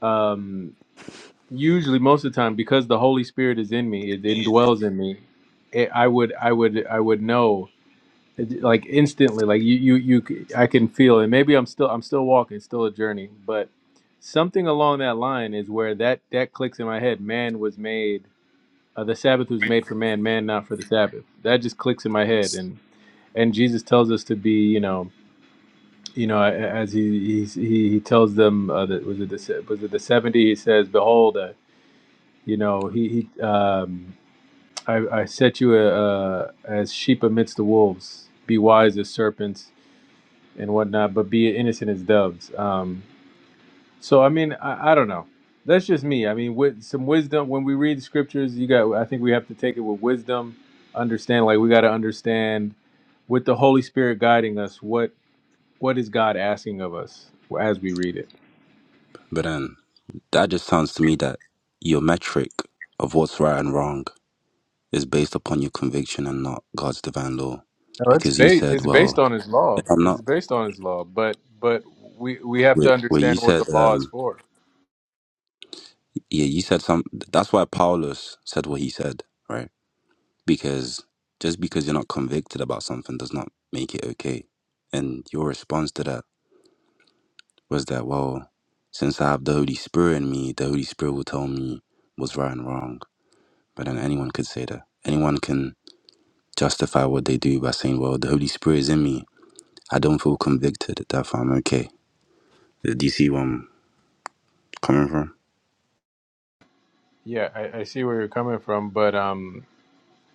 Speaker 11: um, usually most of the time, because the Holy Spirit is in me, it indwells in me. It, I would I would I would know. like instantly like you you you I can feel it maybe i'm still i'm still walking it's still a journey but something along that line is where that that clicks in my head man was made uh, the sabbath was made for man man not for the sabbath that just clicks in my head and and jesus tells us to be you know you know as he he he, he tells them uh, that was it the se- was it the 70 he says behold uh, you know he he um I, I set you uh, uh, as sheep amidst the wolves. Be wise as serpents and whatnot, but be innocent as doves. Um, so I mean, I, I don't know. That's just me. I mean, with some wisdom, when we read scriptures, you got. I think we have to take it with wisdom. Understand, like we got to understand, with the Holy Spirit guiding us, what what is God asking of us as we read it.
Speaker 12: But then that just sounds to me that your metric of what's right and wrong is based upon your conviction and not God's divine law.
Speaker 11: No, it's
Speaker 12: Because you
Speaker 11: ba-
Speaker 12: said,
Speaker 11: it's based
Speaker 12: well,
Speaker 11: on His law.
Speaker 12: if I'm
Speaker 11: It's
Speaker 12: not,
Speaker 11: based on His law, but but we we have to
Speaker 12: wait, wait you
Speaker 11: understand what the
Speaker 12: said,
Speaker 11: law is
Speaker 12: um,
Speaker 11: for.
Speaker 12: yeah, you said some, that's why Paulus said what he said, right? Because just because you're not convicted about something does not make it okay. And your response to that was that, well, since I have the Holy Spirit in me, the Holy Spirit will tell me what's right and wrong. But then anyone could say that. Anyone can justify what they do by saying, well, the Holy Spirit is in me. I don't feel convicted, therefore I'm okay. Uh, Do you see where I'm coming from?
Speaker 11: Yeah, I, I see where you're coming from, but um,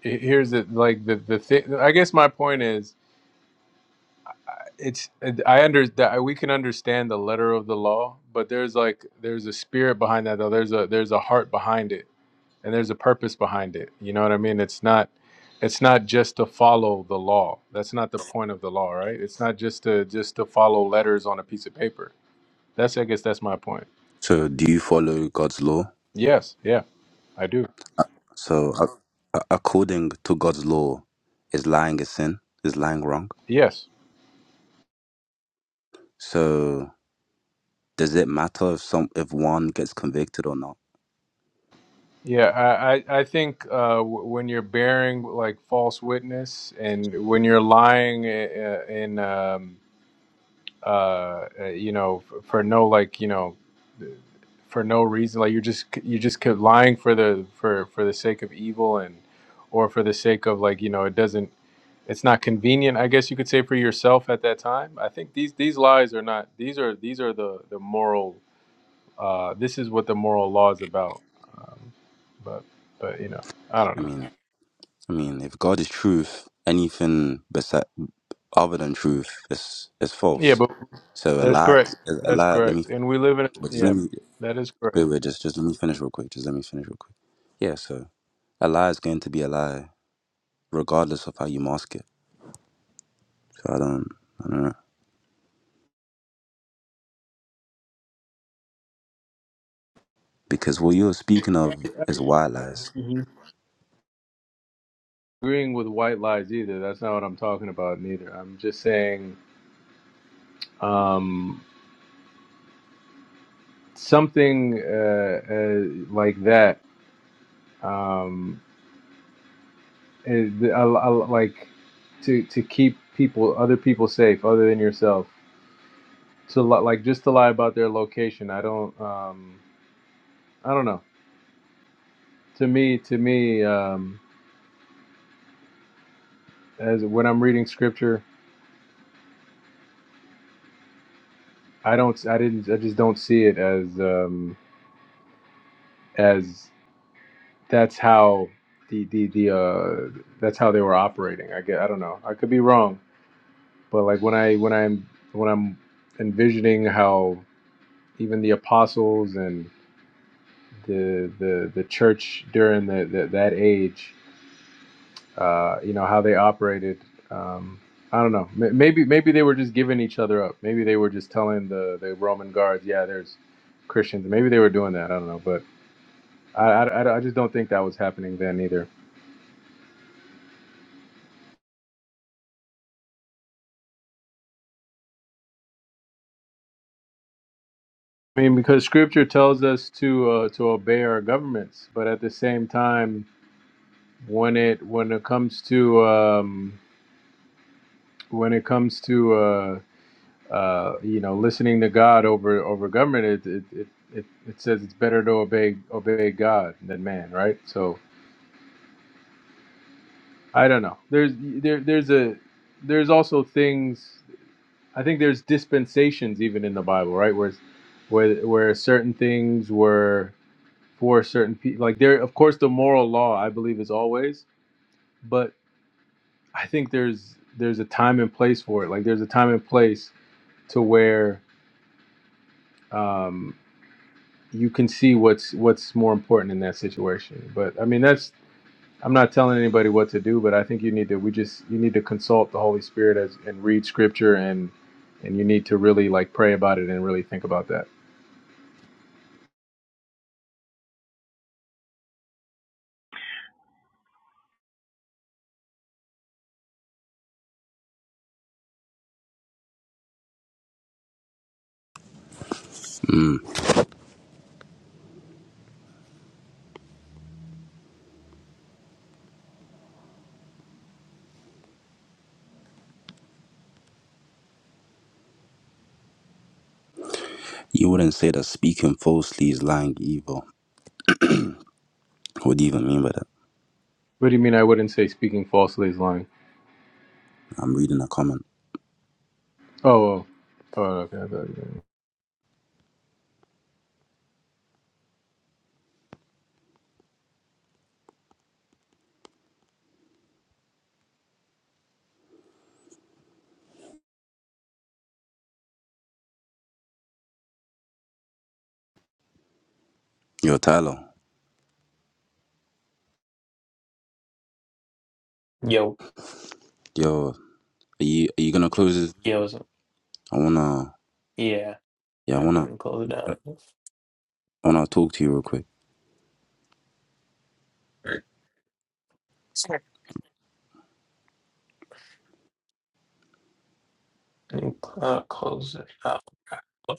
Speaker 11: he- here's the like the the thing. I guess my point is, it's I under that we can understand the letter of the law, but there's like there's a spirit behind that though. There's a there's a heart behind it, and there's a purpose behind it. You know what I mean? It's not it's not just to follow the law. That's not the point of the law, right? It's not just to just to follow letters on a piece of paper. That's I guess that's my point.
Speaker 12: So, do you follow God's law?
Speaker 11: Yes, yeah, I do.
Speaker 12: So, a- a- according to God's law, is lying a sin? Is lying wrong?
Speaker 11: Yes.
Speaker 12: So, does it matter if some if one gets convicted or not?
Speaker 11: Yeah, I, I I think uh, w- when you're bearing like false witness and when you're lying uh, in, um, uh, uh, you know, f- for no like, you know, for no reason, like you're just you just kept lying for the for for the sake of evil and or for the sake of like, you know, it doesn't it's not convenient, I guess you could say for yourself at that time. I think these these lies are not these are these are the the moral uh, this is what the moral law is about. Um, but but you know, I
Speaker 12: I
Speaker 11: don't know.
Speaker 12: mean, I mean, if God is truth, anything besi other than truth is is
Speaker 11: Yeah,
Speaker 12: false.
Speaker 11: but
Speaker 12: So a
Speaker 11: that's
Speaker 12: lie,
Speaker 11: correct.
Speaker 12: is- a
Speaker 11: That's
Speaker 12: lie. Let me,
Speaker 11: correct. And we live in
Speaker 12: but just
Speaker 11: yeah,
Speaker 12: let me,
Speaker 11: that is
Speaker 12: wait,
Speaker 11: correct.
Speaker 12: wait, just just let me finish real quick. Just let me finish real quick. Yeah. So a lie is going to be a lie, regardless of how you mask it. So I don't, I don't know, because what you're speaking of is white lies.
Speaker 11: hmm Agreeing with white lies either. That's not what I'm talking about. Neither. I'm just saying um, something uh, uh, like that. Um, is, I, I, like to to keep people, other people safe, other than yourself. To li- like just to lie about their location. I don't. Um, I don't know. to me to me um as when i'm reading scripture i don't i didn't i just don't see it as um as that's how the the the uh that's how they were operating i get i don't know i could be wrong but like when i when i'm when i'm envisioning how even the apostles and the the the church during the, the that age uh, you know how they operated. Um, I don't know. M- Maybe maybe they were just giving each other up. Maybe they were just telling the, the Roman guards, yeah, there's Christians. Maybe they were doing that. I don't know, but I, I, I- I just don't think that was happening then either. I mean, because Scripture tells us to uh, to obey our governments, but at the same time, when it when it comes to um, when it comes to uh, uh, you know, listening to God over over government, it it, it it it says it's better to obey obey God than man, right? So I don't know. There's there there's a there's also things. I think there's dispensations even in the Bible, right? Where where where certain things were for certain people. Like there, of course, the moral law I believe is always, but I think there's there's a time and place for it. Like there's a time and place to where um, you can see what's what's more important in that situation. But I mean, that's I'm not telling anybody what to do, but I think you need to we just you need to consult the Holy Spirit as and read Scripture and and you need to really like pray about it and really think about that.
Speaker 12: You wouldn't say that speaking falsely is lying evil. What do you even mean by that?
Speaker 11: What do you mean? I wouldn't say speaking falsely is lying.
Speaker 12: I'm reading a comment.
Speaker 11: Oh, oh, oh okay. I thought you meant-
Speaker 12: Yo, Tyler.
Speaker 3: Yo,
Speaker 12: Yo, are you are you gonna close this?
Speaker 3: yo,
Speaker 12: I wanna,
Speaker 3: yeah.
Speaker 12: yeah, I
Speaker 3: I
Speaker 12: wanna,
Speaker 3: can close it down.
Speaker 12: I wanna talk to you real quick.
Speaker 3: Sure. Uh, close it out.